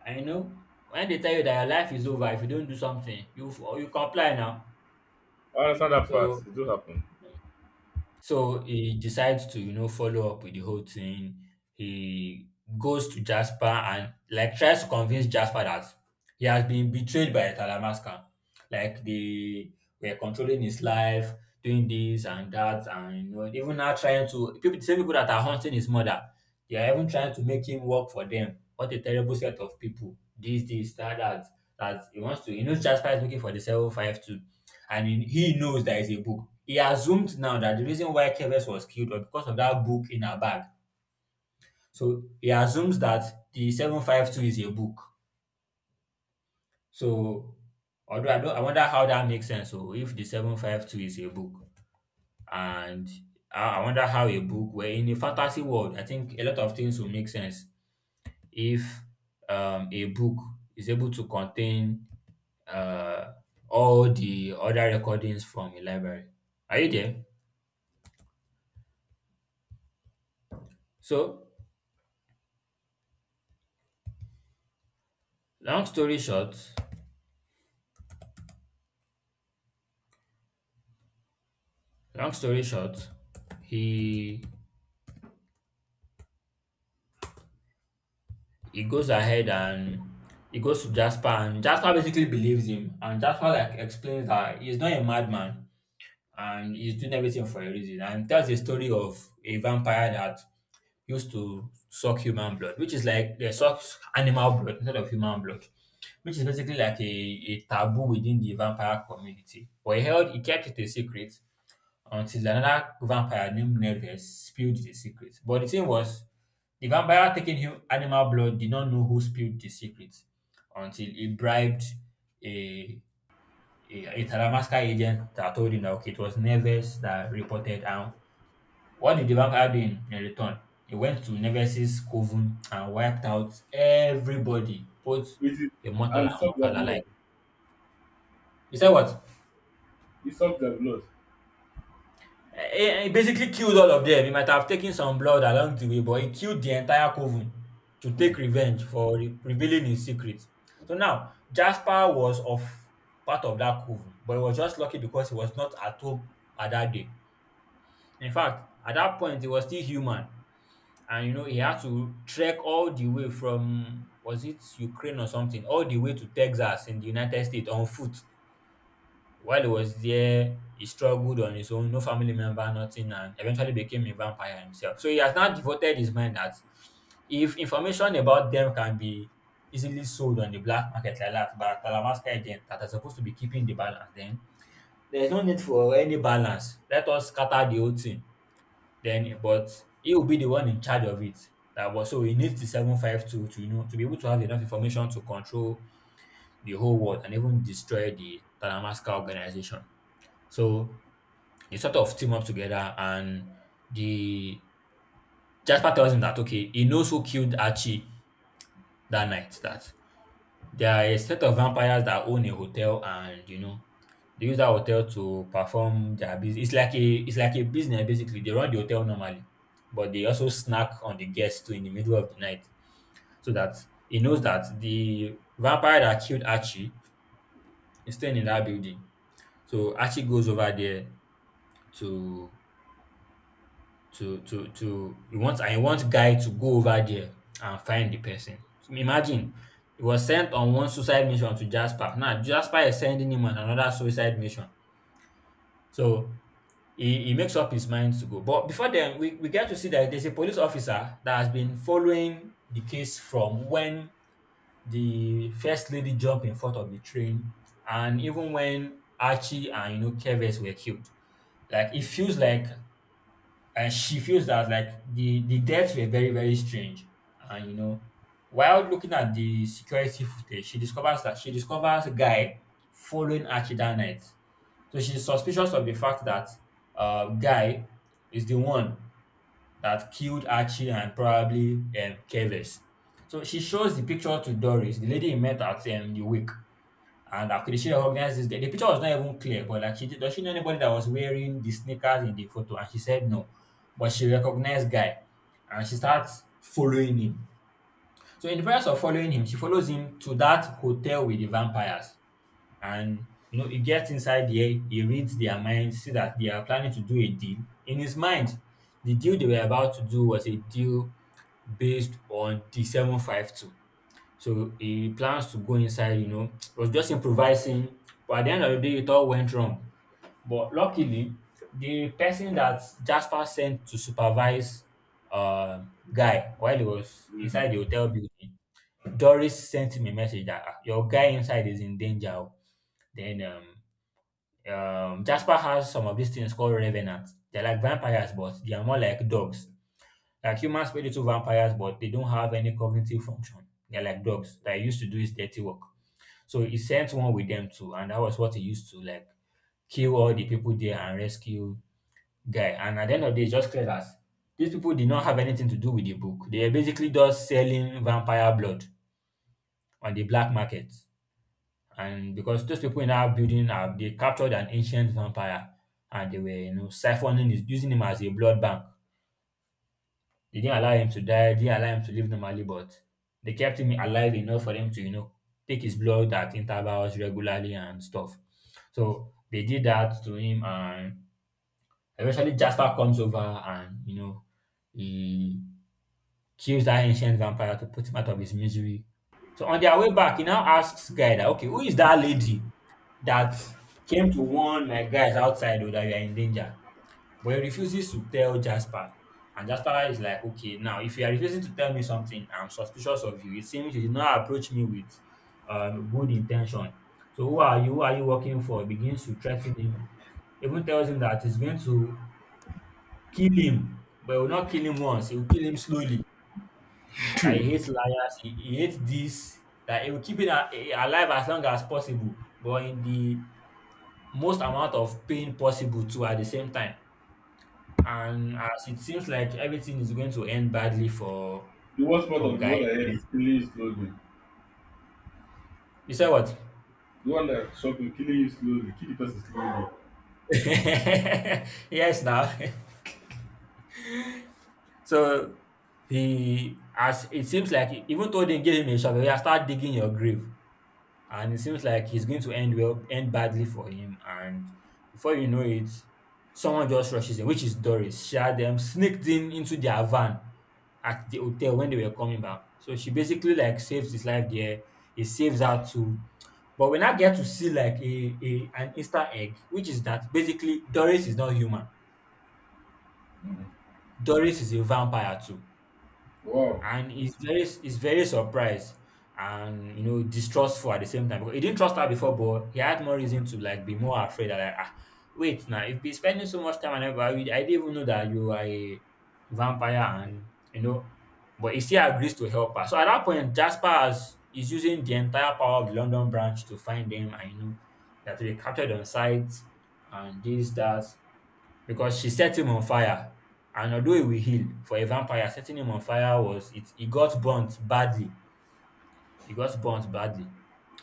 And you know, when they tell you that your life is over if you don't do something, you f- you comply now.
I understand that part.
So
It do happen.
so he decides to, you know, follow up with the whole thing. He goes to Jasper and like tries to convince Jasper that he has been betrayed by Talamasca. Like they were controlling his life, doing this and that, and you know, even now trying to people the same people that are hunting his mother, they are even trying to make him work for them. What a terrible set of people. This, this, that, that. That he wants to, you know, Jasper is looking for the seven five two, and he he knows that a book. He assumed now that the reason why Keves was killed was because of that book in her bag. So he assumes that the seven five two is a book. So, although I, don't, I wonder how that makes sense. So, if the seven five two is a book, and I, I wonder how a book, where in a fantasy world, I think a lot of things will make sense if um, a book is able to contain uh, all the other recordings from a library. Are you there? So, long story short, long story short, he he goes ahead and he goes to Jasper, and Jasper basically believes him, and Jasper like explains that he's not a madman and he's doing everything for a reason, and tells the story of a vampire that used to suck human blood, which is like they suck animal blood instead of human blood, which is basically like a, a taboo within the vampire community. But he held he kept it a secret until another vampire named Nervous spilled the secret. But the thing was, the vampire taking him animal blood did not know who spilled the secret until he bribed a a, a Talamasca agent that told him that okay, it was Nervous that reported. And what did the vampire do in, in return? He went to Nervous's coven and wiped out everybody, both
With it
immortal
and
and
suck their
mortal
blood.
alike. You said what?
He sucked their blood.
It, it basically killed all of them. He might have taken some blood along the way, but he killed the entire coven to take
Hmm.
revenge for re- revealing his secret. So now Jasper was of part of that coven, but he was just lucky because he was not at home at that day. In fact, at that point he was still human, and you know he had to trek all the way from was it Ukraine or something, all the way to Texas in the United States on foot while he was there, he struggled on his own, no family member, nothing, and eventually became a vampire himself. So he has now devoted his mind that if information about them can be easily sold on the black market like that by Talamasca agent that are supposed to be keeping the balance, then there's no need for any balance. Let us scatter the whole thing. Then, but he will be the one in charge of it. That was so he needs the seven five two to you know to be able to have enough information to control the whole world and even destroy the Talamasca organization. So they sort of team up together and the Jasper tells him that okay, he knows who killed Archie that night. That there are a set of vampires that own a hotel and you know they use that hotel to perform their business. It's like a it's like a business basically. They run the hotel normally, but they also snack on the guests too in the middle of the night, so that he knows that the vampire that killed Archie is staying in that building. So Archie goes over there to to to to you want and you want Guy to go over there and find the person. Imagine he was sent on one suicide mission to Jasper. Now Jasper is sending him on another suicide mission. So he, he makes up his mind to go. But before then, we, we get to see that there's a police officer that has been following the case from when the first lady jumped in front of the train and even when Archie and you know Keves were killed. Like it feels like and she feels that like the the deaths were very very strange, and you know while looking at the security footage she discovers that she discovers a guy following archie that night. So she's suspicious of the fact that uh, Guy is the one that killed archie and probably um, Keves. So she shows the picture to doris, the lady he met at um, the wake, and after she recognized this, the, the picture was not even clear, but like, she did, does she know anybody that was wearing the sneakers in the photo? And she said no, but she recognized guy, and she starts following him. So in the process of following him, she follows him to that hotel with the vampires, and you know he gets inside there, he reads their minds, see that they are planning to do a deal. In his mind, the deal they were about to do was a deal based on the seven five two. So he plans to go inside, you know, was just improvising. But at the end of the day, it all went wrong. But luckily, the person that Jasper sent to supervise uh, Guy while he was
Mm.
inside the hotel building, Doris sent him a message that, "Ah, your guy inside is in danger. Oh." Then um, um, Jasper has some of these things called revenants. They're like vampires, but they are more like dogs. Like humans play little vampires, but they don't have any cognitive function. They're like dogs that used to do his dirty work. So he sent one with them too, and that was what he used to like kill all the people there and rescue Guy. And at the end of the day, it's just clear that these people did not have anything to do with the book. They are basically just selling vampire blood on the black market. And because those people in our building have, they captured an ancient vampire and they were, you know, siphoning his, using him as a blood bank. They didn't allow him to die, They didn't allow him to live normally, but they kept him alive enough for them to, you know, take his blood at intervals regularly and stuff. So they did that to him, and eventually Jasper comes over and, you know, he kills that ancient vampire to put him out of his misery. So on their way back, he now asks Guy that, okay, who is that lady that came to warn my guys outside, oh, that you are in danger? But he refuses to tell Jasper. And Jasper is like, okay, now if you are refusing to tell me something, I'm suspicious of you. It seems you did not approach me with um, good intention. So who are you? Who are you working for? Begins to threaten him. Even tells him that he's going to kill him, but he will not kill him once. He will kill him slowly. That he hates liars. He, he hates this. That he will keep it a- a- alive as long as possible, but in the most amount of pain possible too at the same time. And as it seems like everything is going to end badly for
The worst part
for
of
Guy.
what I heard
Yeah.
is killing you slowly.
You say what?
The one that shot me, killing you slowly, kill the person slowly.
Yes, now. So he, as it seems like, even though they gave him a shovel, he has started digging your grave, and it seems like he's going to end well, end badly for him. And before you know it, someone just rushes in, which is Doris. She had them sneaked in into their van at the hotel when they were coming back. So she basically like saves his life there. He saves her too. But we now get to see like a, a an Easter egg, which is that basically Doris is not human. Doris is a vampire too.
Wow.
And he's very he's very surprised and you know distrustful at the same time, because he didn't trust her before, but he had more reason to like be more afraid that, like, ah, wait now, if you're spending so much time and effort with- I didn't even know that you are a vampire, and you know but he still agrees to help her. So at that point Jasper has, is using the entire power of the London branch to find them, and you know that they captured on site and this, that, because she set him on fire. And although he will heal, for a vampire, setting him on fire was it. He got burnt badly. He got burnt badly.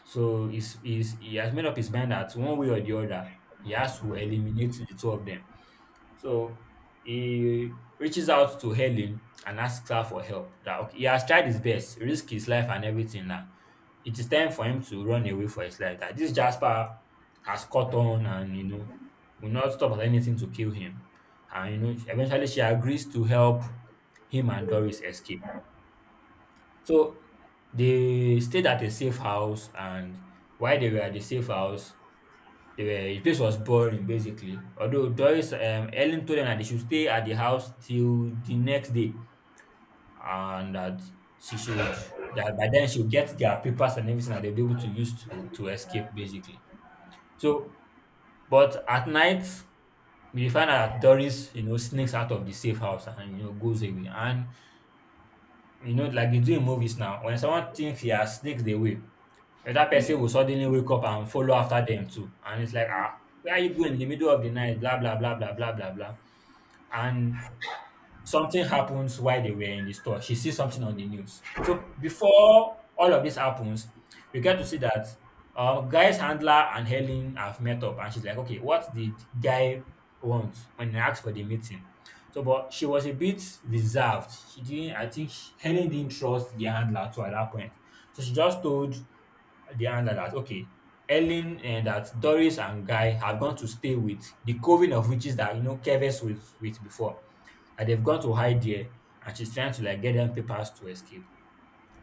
So he's, he's, he has made up his mind that one way or the other, he has to eliminate the two of them. So he reaches out to Helen and asks her for help. That okay, he has tried his best, risked his life and everything now. It is time for him to run away for his life. That this Jasper has caught on and you know will not stop at anything to kill him. And you know, eventually she agrees to help him and Doris escape. So they stayed at a safe house, and while they were at the safe house, they were the place was boring basically. Although Doris um Ellen told them that they should stay at the house till the next day, and that she should that by then she'll get their papers and everything that they'll be able to use to to escape basically. So, but at night we find out that Doris, you know, sneaks out of the safe house and you know goes away. And you know, like they do in movies now, when someone thinks he has sneaked away, The other person
Mm.
will suddenly wake up and follow after them too. And it's like, ah, where are you going in the middle of the night? Blah, blah, blah, blah, blah, blah, blah. And something happens while they were in the store. She sees something on the news. So before all of this happens, we get to see that um, Guy's handler and Helen have met up, and she's like, "Okay, what did Guy want when he asked for the meeting?" So, but she was a bit reserved. She didn't. I think she- Helen didn't trust the handler too at that point. So she just told the handler that, okay, Helen and that Doris and Guy have gone to stay with the coven of witches that you know Keves was with before, and they've gone to hide there, and she's trying to like get them papers to escape.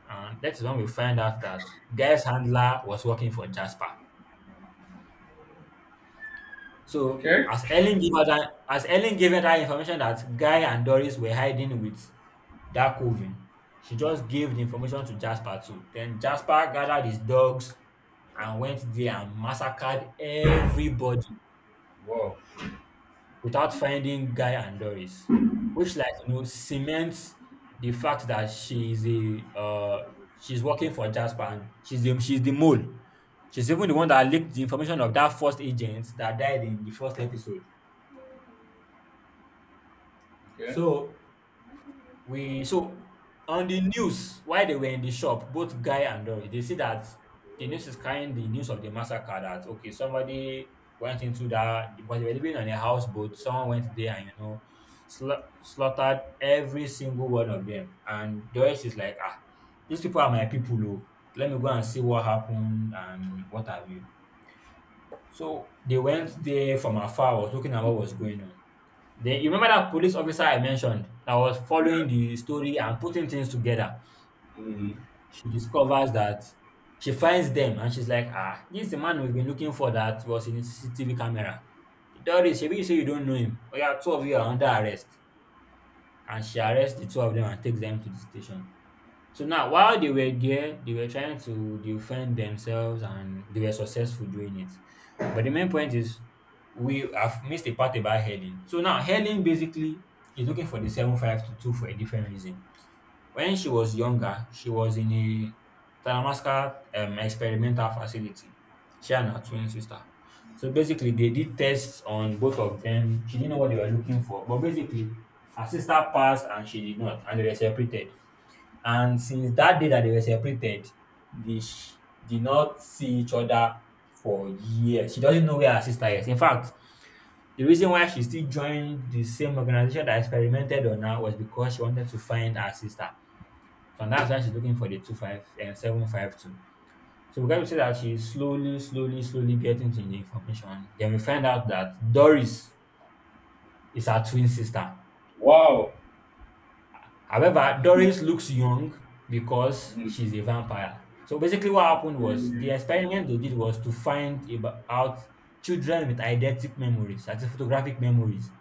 And that is when we find out that Guy's handler was working for Jasper. So
Okay.
as Ellen gave her that, as Ellen gave her that information that Guy and Doris were hiding with that coven, she just gave the information to Jasper too. Then Jasper gathered his dogs and went there and massacred everybody.
Wow.
Without finding Guy and Doris, which like you know cements the fact that she is a uh, she's working for Jasper, and she's the, she's the mole. She's even the one that leaked the information of that first agent that died in the first episode.
Okay.
So we so on the news, while they were in the shop, both Guy and Doris, they see that the news is carrying the news of the massacre, that okay, somebody went into that because they were living on a houseboat. Someone went there and you know sla- slaughtered every single one of them. And Doris is like, ah, these people are my people. Oh, let me go and see what happened and what have you. So they went there, from afar was looking at what was going on. Then you remember that police officer I mentioned that was following
Yeah.
the story and putting things together?
Mm.
She discovers that She finds them and she's like, ah, this is the man we've been looking for that was in the C C T V camera. Doris, shebi you say you don't know him? Oya, two of you are under arrest. And she arrests the two of them and takes them to the station. So now, while they were there, they were trying to defend themselves and they were successful doing it. But the main point is, we have missed a part about Helen. So now, Helen basically is looking for the seven five two for a different reason. When she was younger, she was in a Talamasca um, experimental facility. She and her twin sister. So basically, they did tests on both of them. She didn't know what they were looking for. But basically, her sister passed and she did not, and they were separated. And since that day that they were separated, they sh- did not see each other for years. She doesn't know where her sister is. In fact, the reason why she still joined the same organization that experimented on her was because she wanted to find her sister. So that's why she's looking for the two five and seven five two. So we got to say that she's slowly, slowly, slowly getting to the information. Then we find out that Doris is her twin sister.
Wow.
However, Doris looks young because
Mm.
she's a vampire. So basically, what happened was the
Mm.
experiment they did was to find ab- out children with eidetic memories, that's photographic memories,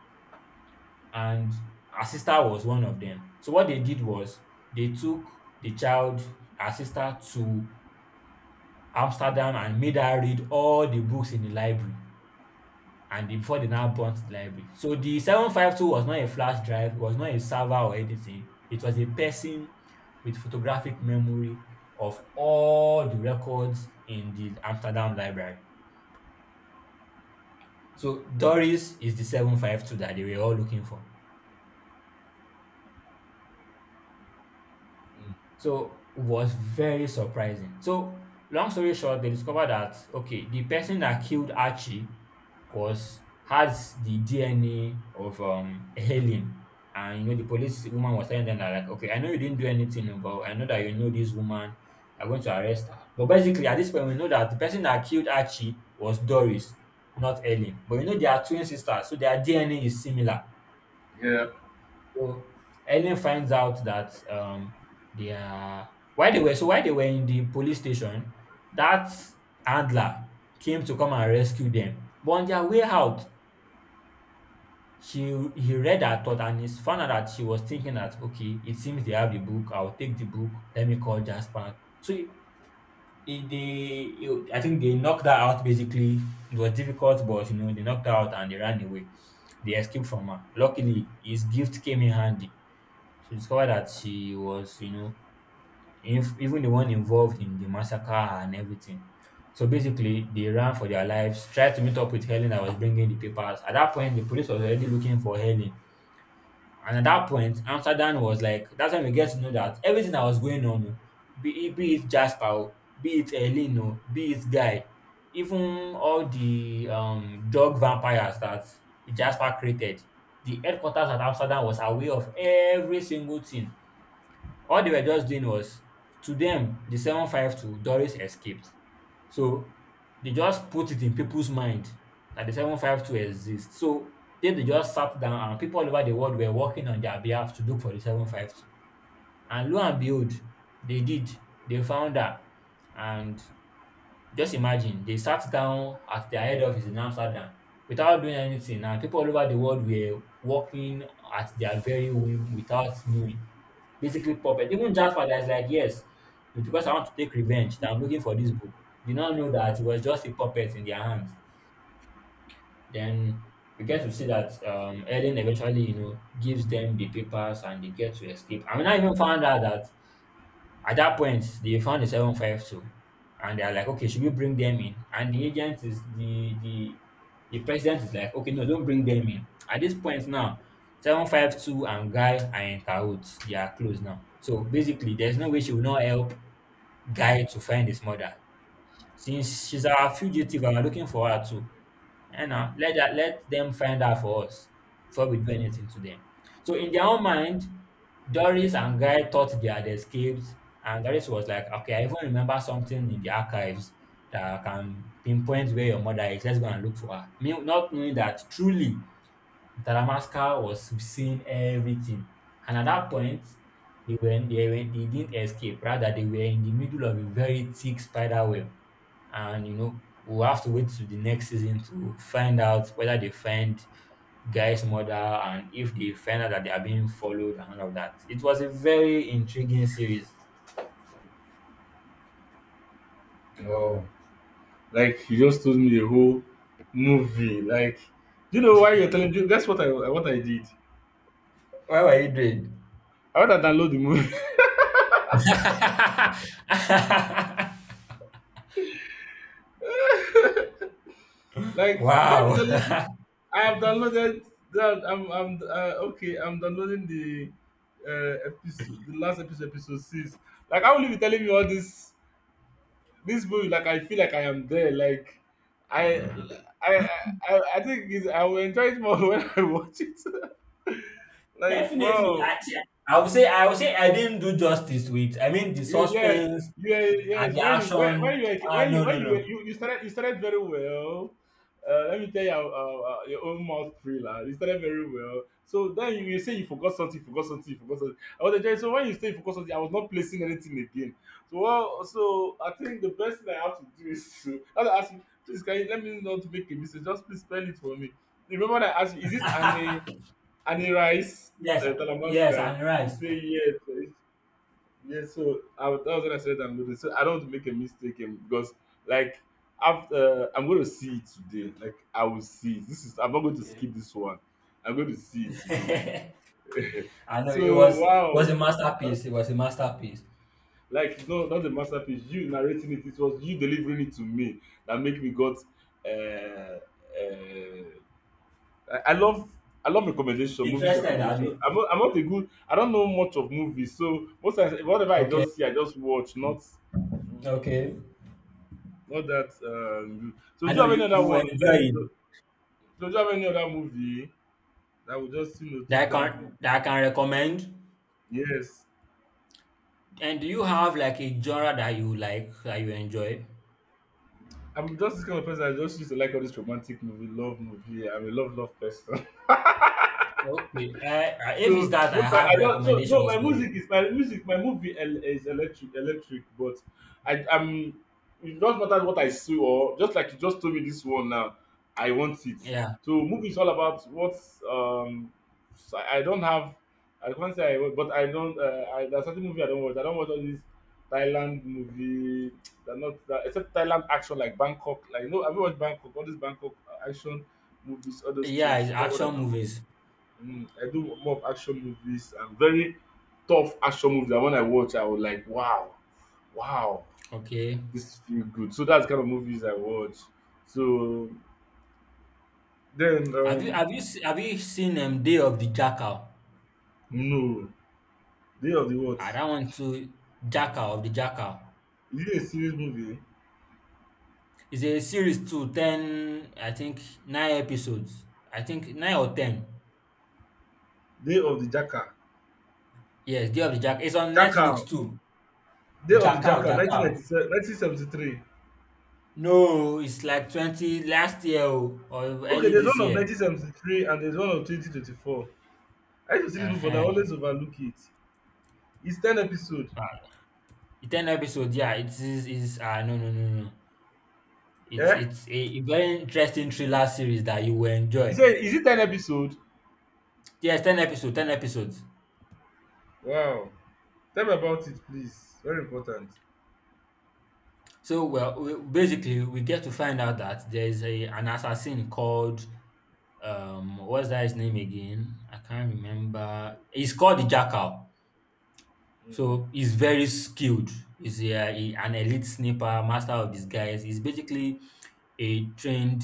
and her sister was one of them. So what they did was they took the child, her sister, to Amsterdam and made her read all the books in the library. And the- before they now burnt the library. So the seven five two was not a flash drive, it was not a server or anything. It was a person with photographic memory of all the records in the Amsterdam library. So Doris is the seven five two that they were all looking for. So was very surprising. So long story short, they discovered that okay, the person that killed Archie was has the D N A of um Helen. And you know, the police woman was telling them that like, okay, I know you didn't do anything, no, but I know that you know this woman. I'm going to arrest her. But basically, at this point, we know that the person that killed Archie was Doris, not Helen. But you know, they are twin sisters, so their D N A is similar.
Yeah.
So Ellen finds out that um they are while they were so while they were in the police station, that handler came to come and rescue them. But on their way out, she he read her thought and he found out that she was thinking that okay, it seems they have the book. I'll take the book. Let me call Jasper. So it, it- they it- I think they knocked her out basically. It was difficult, but you know they knocked her out and they ran away. They escaped from her. Luckily, his gift came in handy. She discovered that she was, you know, inf- even the one involved in the massacre and everything. So basically, they ran for their lives, tried to meet up with Helen that was bringing the papers. At that point, the police was already looking for Helen. And at that point, Amsterdam was like, that's when we get to know that everything that was going on, oh, be, it- be it Jasper, oh, be it Helen, oh, be it Guy, even all the um, dog vampires that Jasper created, the headquarters at Amsterdam was aware of every single thing. All they were just doing was, to them, the seven five two Doris escaped. So they just put it in people's mind that the seven five two exists. So then they just sat down and people all over the world were working on their behalf to look for the seven five two. And lo and behold, they did. They found her. And just imagine, they sat down at their head office in Amsterdam without doing anything, and people all over the world were working at their very whim without knowing. Basically, puppet. Even Jasper, that's like, yes, it's because I want to take revenge that I'm looking for this book. Did not know that it was just a puppet in their hands. Then we get to see that um, Ellen eventually, you know, gives them the papers and they get to escape. I mean, I even found out that at that point, they found the seven five two and they're like, okay, should we bring them in? And the agent is the the the president is like, okay, no, don't bring them in. At this point now, seven five two and Guy are in cahoots. They are close now. So basically, there's no way she will not help Guy to find his mother. Since she's our fugitive and we're looking for her too. And now let that let them find her for us before we do anything to them. So in their own mind, Doris and Guy thought they had escaped, and Doris was like, "Okay, I even remember something in the archives that can pinpoint where your mother is. Let's go and look for her." Me- Not knowing that truly Madagascar was seeing everything. And at that point, they were they were they didn't escape. Rather, they were in the middle of a very thick spider web. And you know, we'll have to wait to the next season to find out whether they find Guy's mother and if they find out that they are being followed and all of that. It was a very intriguing series.
Oh. Like you just told me the whole movie. Like, do you know why you're telling? You, that's what I what I did.
Why were you doing?
I want to download the movie. Like you can't be
Wow.
telling. I have downloaded that. I'm I'm uh, okay. I'm downloading the uh, episode, the last episode, episode six. Like, I will you be telling me all this? This movie, like, I feel like I am there. Like, I, I, I, I think it's, I will enjoy it more when I watch it. Like,
Definitely,
wow.
I, thi- I would say I would say I didn't do justice to it. I mean, the
You yes,
suspense
yes,
and
yes.
the
When you when, when
action.
you
Ah,
when you
no,
when
no, no.
you you, you started you started very well. Uh, let me tell you uh, uh, uh, your own mouth thriller. You started very well. So then you, you say you forgot something, you forgot something, you forgot something. I was enjoying. So when you say you forgot something, I was not placing anything again. So well, so I think the best thing I have to do is to I have to ask you, please, can you let me know to make a mistake? Just please spell it for me. Remember that I asked you, is it Annie Annie Rice
Yes,
uh,
yes,
Talamanska?
and
You
rice.
say yes. Yeah, so I, was- that was when I said I'm going to. So I don't want to make a mistake um, because, like, after I'm going to see it today. Like, I will see it. This is I'm not going to
Okay.
skip this one. I'm going to see it today.
I
Like,
know it
so
was it
wow,
was a masterpiece. It was a masterpiece.
like no, not the masterpiece. You narrating it. It was you delivering it to me that make me got uh, uh, I, I love, I love recommendation, movies
Interested,
recommendation.
Abby?
I'm not, I'm not a good I don't know much of movies, so most times whatever I
Okay,
just see, I just watch, not mm,
okay.
not that um, so
I
do you
know
have any
you
other
you will
one? Let
enjoy
me
it.
know. So do you have any other movie that will just you know
That I
take down home?
can that I can recommend.
Yes.
And do you have like a genre that you like that you enjoy?
I'm just this kind of person I just used to like all this romantic movie, love movie. I'm a love love person.
Okay. Uh, uh, if it's
So
that, I
most time I
have
don, so no,
recommendations
my
for you.
music is my music, my movie el is electric electric, but I am, it doesn't matter what I see or just like you just told me this one now, I want it.
Yeah.
So movie is all about what, um so i I don't have, I can't say I wa- but I don't uh, I, there's certain movie I don't watch, i don't watch all these thailand movie. They're not that, except thailand action like bangkok. Like, no, I haven't watched bangkok, all these bangkok uh, action movies, all those
Yeah, it's
things, that's what I
action
don't watch.
movies.
Mm, I do more of action movies, and very tough action movies that when I watch, I was like, wow, wow,
Okay.
this feel good. So that's the kind of movies I watch. So then,
Have you
um,
have you se- have you seen um, Day of the Jackal?
no, Day of the What?
Ah,
Is
that one too. Jackal of the Jackal.
it a serious movie?
It's a series to ten. I think nine episodes. I think nine or ten.
Day of the Jackal.
Yes, Day of the Jackal. It's on Netflix
Jackal.
too.
Day of the
Jackal,
Jackal,
Jackal.
nineteen ninety-seven nineteen seventy-three.
No, it's like twenty last year o, or
Okay,
early
there's
this
one of
year.
nineteen seventy-three and there's one of twenty twenty-four. I used to see this movie, but I
Uh-huh.
always overlook it. It's ten episode.
Ah, ten episodes. Yeah, it is. Is ah, no, no, no, no. It's
Eh?
it's a, a very interesting thriller series that you will
Is
enjoy.
it, is it ten episode?
Yes, ten episodes, ten episodes.
Wow. Tell me about it, please. Very important.
So, well, we, basically, we get to find out that there's a an assassin called, um, what's that his name again? I can't remember. He's called the Jackal.
Mm.
So, he's very skilled. He's a, he- an elite sniper, master of disguise. He's basically a trained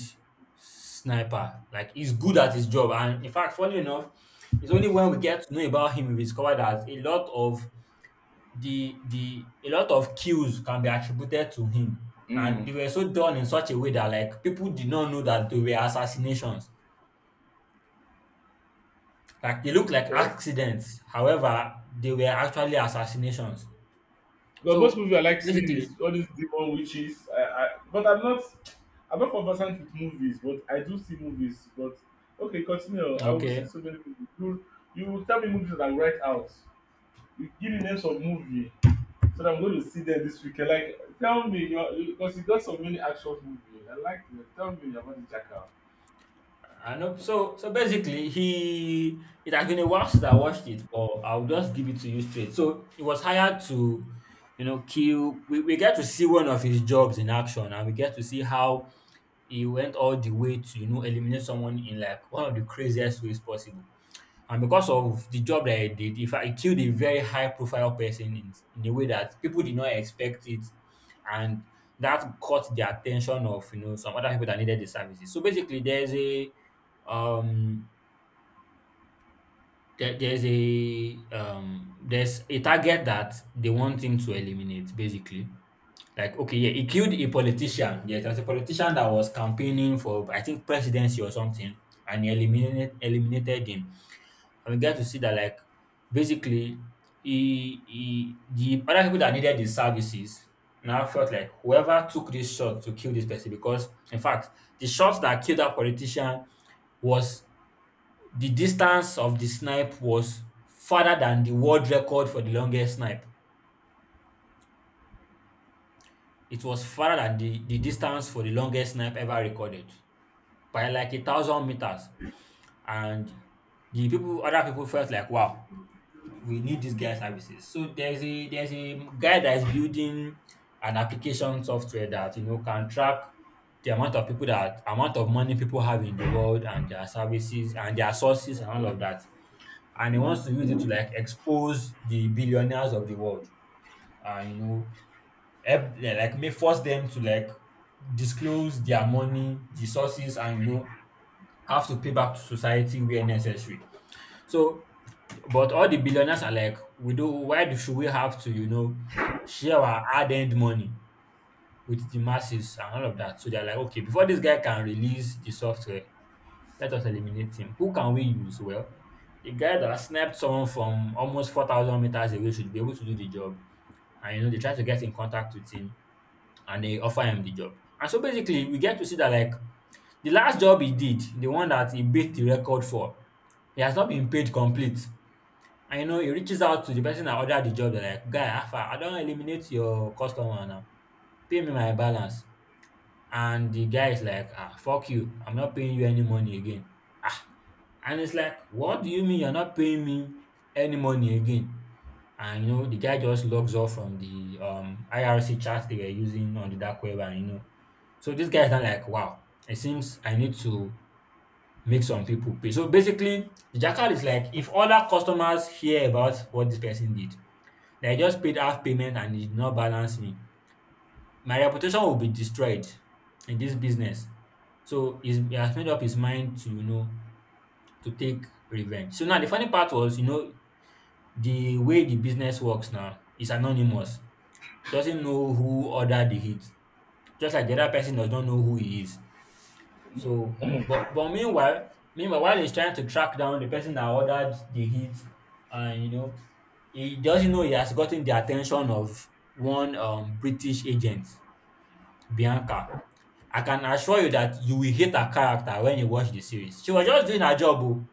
sniper. Like, he's good at his job. And in fact, funny enough, it's only when we get to know about him we discover that a lot of the the a lot of kills can be attributed to him, and
Mm.
they were so done in such a way that like people did not know that they were assassinations. Like, they looked like
Okay.
accidents. However, they were actually assassinations.
But most
So
movies I like seeing
basically,
is all these demon witches. I, I, but I'm not, I'm not conversant with movies, but I do see movies. But okay, continue. I will see
okay.
so many movies. You, you will tell me movies that I will write out. You give me names of movie so that I'm going to see them this weekend. Like, tell me, because you got so many action movies. I like them. Tell me about the jackal.
I know. So so basically, he it has been a while since I watched it, but I'll just give it to you straight. So he was hired to, you know, kill. We, we get to see one of his jobs in action, and we get to see how he went all the way to, you know, eliminate someone in like one of the craziest ways possible. And because of the job that he did, in fact, he killed a very high profile person in, in a way that people did not expect it. And that caught the attention of, you know, some other people that needed the services. So basically, there's a, um, there, there's a, um, there's a target that they want him to eliminate, basically, like, okay, yeah, he killed a politician. Yeah, there was a politician that was campaigning for, I think, presidency or something, and he eliminated eliminated him. And we get to see that, like, basically, he, he the other people that needed his services now felt like whoever took this shot to kill this person, because in fact, the shot that killed that politician was, the distance of the snipe was farther than the world record for the longest snipe. It was farther than the, the distance for the longest snipe ever recorded by like a thousand meters. And the people, other people felt like, wow, we need this guy's services. So there's a there's a guy that is building an application software that you know can track the amount of people, that amount of money people have in the world, and their services and their sources and all of that. And he wants to use it to like expose the billionaires of the world. And you know, help them, like may force them to like disclose their money, the sources, and you know have to pay back to society where necessary. So, but all the billionaires are like, we do. Why do, should we have to you know share our hard-earned money with the masses and all of that? So they're like, okay, before this guy can release the software, let us eliminate him. Who can we use? Well, the guy that snapped someone from almost four thousand meters away should be able to do the job. And you know they try to get in contact with him and they offer him the job. And so basically, we get to see that, like, the last job he did, the one that he beat the record for, he has not been paid complete. And you know, he reaches out to the person that ordered the job. They're like, guy, Alpha, I don't eliminate your customer now. Pay me my balance. And the guy is like, ah, fuck you. I'm not paying you any money again. Ah, and it's like, what do you mean you're not paying me any money again? And you know, the guy just logs off from the um I R C chat they were using on the dark web, and you know, so this guy is not like, wow, it seems I need to make some people pay. So basically, the jackal is like, if other customers hear about what this person did, they just paid half payment and he did not balance me, my reputation will be destroyed in this business. So he's, he has made up his mind to, you know, to take revenge. So now the funny part was, you know, the way the business works now is anonymous. It doesn't know who ordered the hit, just like the other person does not know who he is. So, but but meanwhile, meanwhile, while he's trying to track down the person that ordered the hit, and you know, he doesn't know he has gotten the attention of one um, British agent, Bianca. I can assure you that you will hate her character when you watch the series. She was just doing her job. Oh.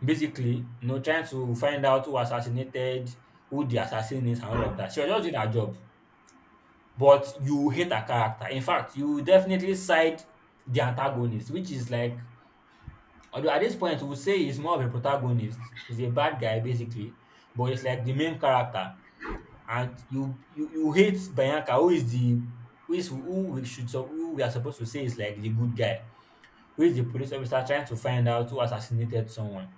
Basically, you know, trying to find out who assassinated, who the assassin is, and all of that. She was just doing her job. But you hate her character. In fact, you definitely side the antagonist, which is like, although at this point, we'll say he's more of a protagonist. He's a bad guy, basically. But it's like the main character. And you you, you hate Bianca, who is the who is who we should sup- who we are supposed to say is like the good guy, who is the police officer trying to find out who assassinated someone.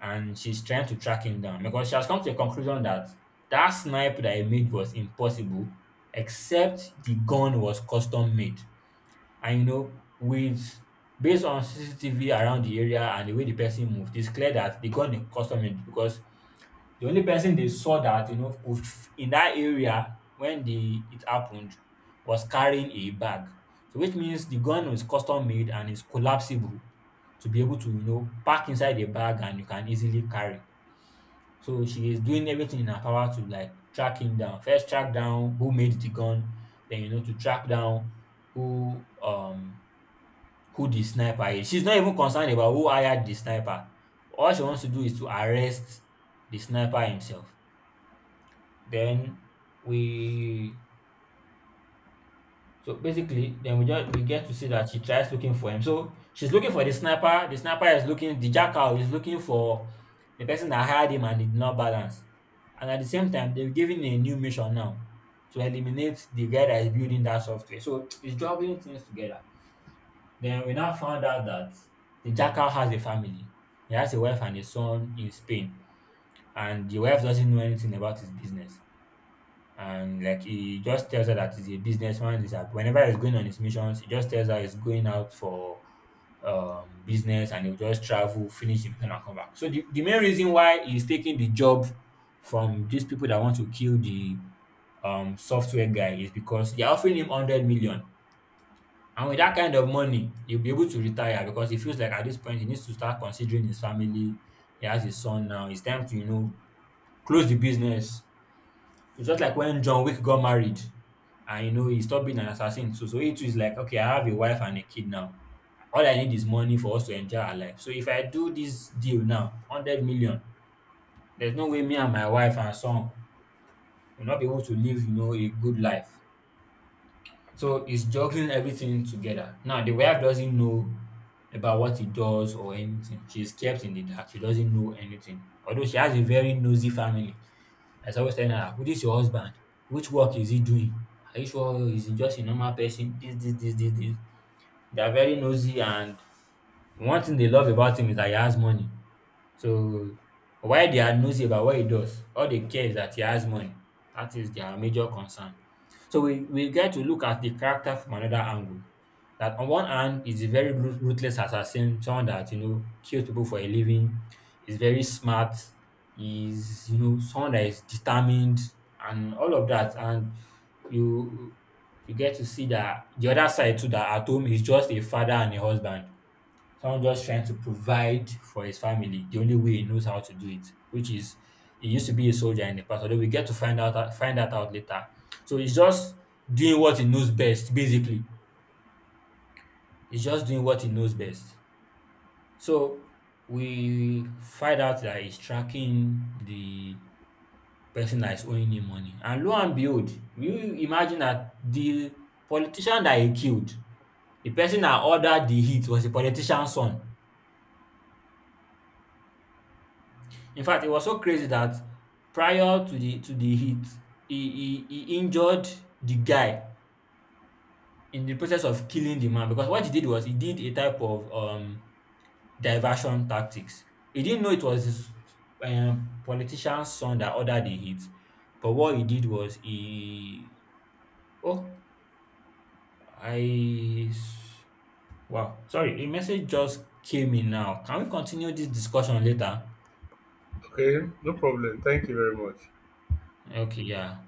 And she's trying to track him down because she has come to a conclusion that that snipe that he made was impossible except the gun was custom made. And you know, with based on C C T V around the area and the way the person moved, it's clear that the gun is custom made because the only person they saw that you know would f- in that area when the it happened was carrying a bag. So which means the gun was custom made and is collapsible to be able to you know pack inside a bag and you can easily carry. So she is doing everything in her power to like track him down. First, track down who made the gun, then you know to track down who um who the sniper is. She's not even concerned about who hired the sniper. All she wants to do is to arrest the sniper himself. Then we so basically, then we just we get to see that she tries looking for him. So she's looking for the sniper. The sniper is looking. The jackal is looking for the person that hired him and he did not balance. And at the same time, they're giving a new mission now to eliminate the guy that is building that software. So it's juggling things together. Then we now found out that the jackal has a family. He has a wife and a son in Spain, and the wife doesn't know anything about his business, and like he just tells her that he's a businessman. He's a, whenever he's going on his missions, he just tells her he's going out for um, business and he'll just travel, finish the mission, and come back. So the, the main reason why he's taking the job from these people that want to kill the um, software guy is because they're offering him one hundred million. And with that kind of money, he'll be able to retire because he feels like at this point he needs to start considering his family. He has his son now. It's time to, you know, close the business. It's just like when John Wick got married and you know he stopped being an assassin too. So he too is like, okay, I have a wife and a kid now. All I need is money for us to enjoy our life. So if I do this deal now, hundred million, there's no way me and my wife and son will not be able to live, you know, a good life. So he's juggling everything together. Now the wife doesn't know about what he does or anything. She's kept in the dark. She doesn't know anything. Although she has a very nosy family. As I suppose telling her, who is your husband? Which work is he doing? Are you sure he's just a normal person? This, this, this, this, this. They are very nosy, and one thing they love about him is that he has money. So why they are nosy about what he does, all they care is that he has money. That is their major concern. So we, we get to look at the character from another angle. That on one hand is a very ru- ruthless assassin, someone that you know kills people for a living, is very smart, is you know someone that is determined and all of that. And you you get to see that the other side too, that at home is just a father and a husband, someone just trying to provide for his family the only way he knows how to do it, which is he used to be a soldier in the past, although we get to find out find that out later. So he's just doing what he knows best, basically. He's just doing what he knows best. So we find out that he's tracking the person that is owing him money. And lo and behold, you imagine that the politician that he killed, the person that ordered the hit was the politician's son. In fact, he was so crazy that prior to the to the hit, he he he injured the guy in the process of killing the man, because what he did was he did a type of um diversion tactics. He didn't know it was his um, politician's son that ordered the hit, but what he did was he oh, I s- wow, sorry, a message just came in now. Can we continue this discussion later?
Okay. No problem. Thank you very much.
Okay, yeah.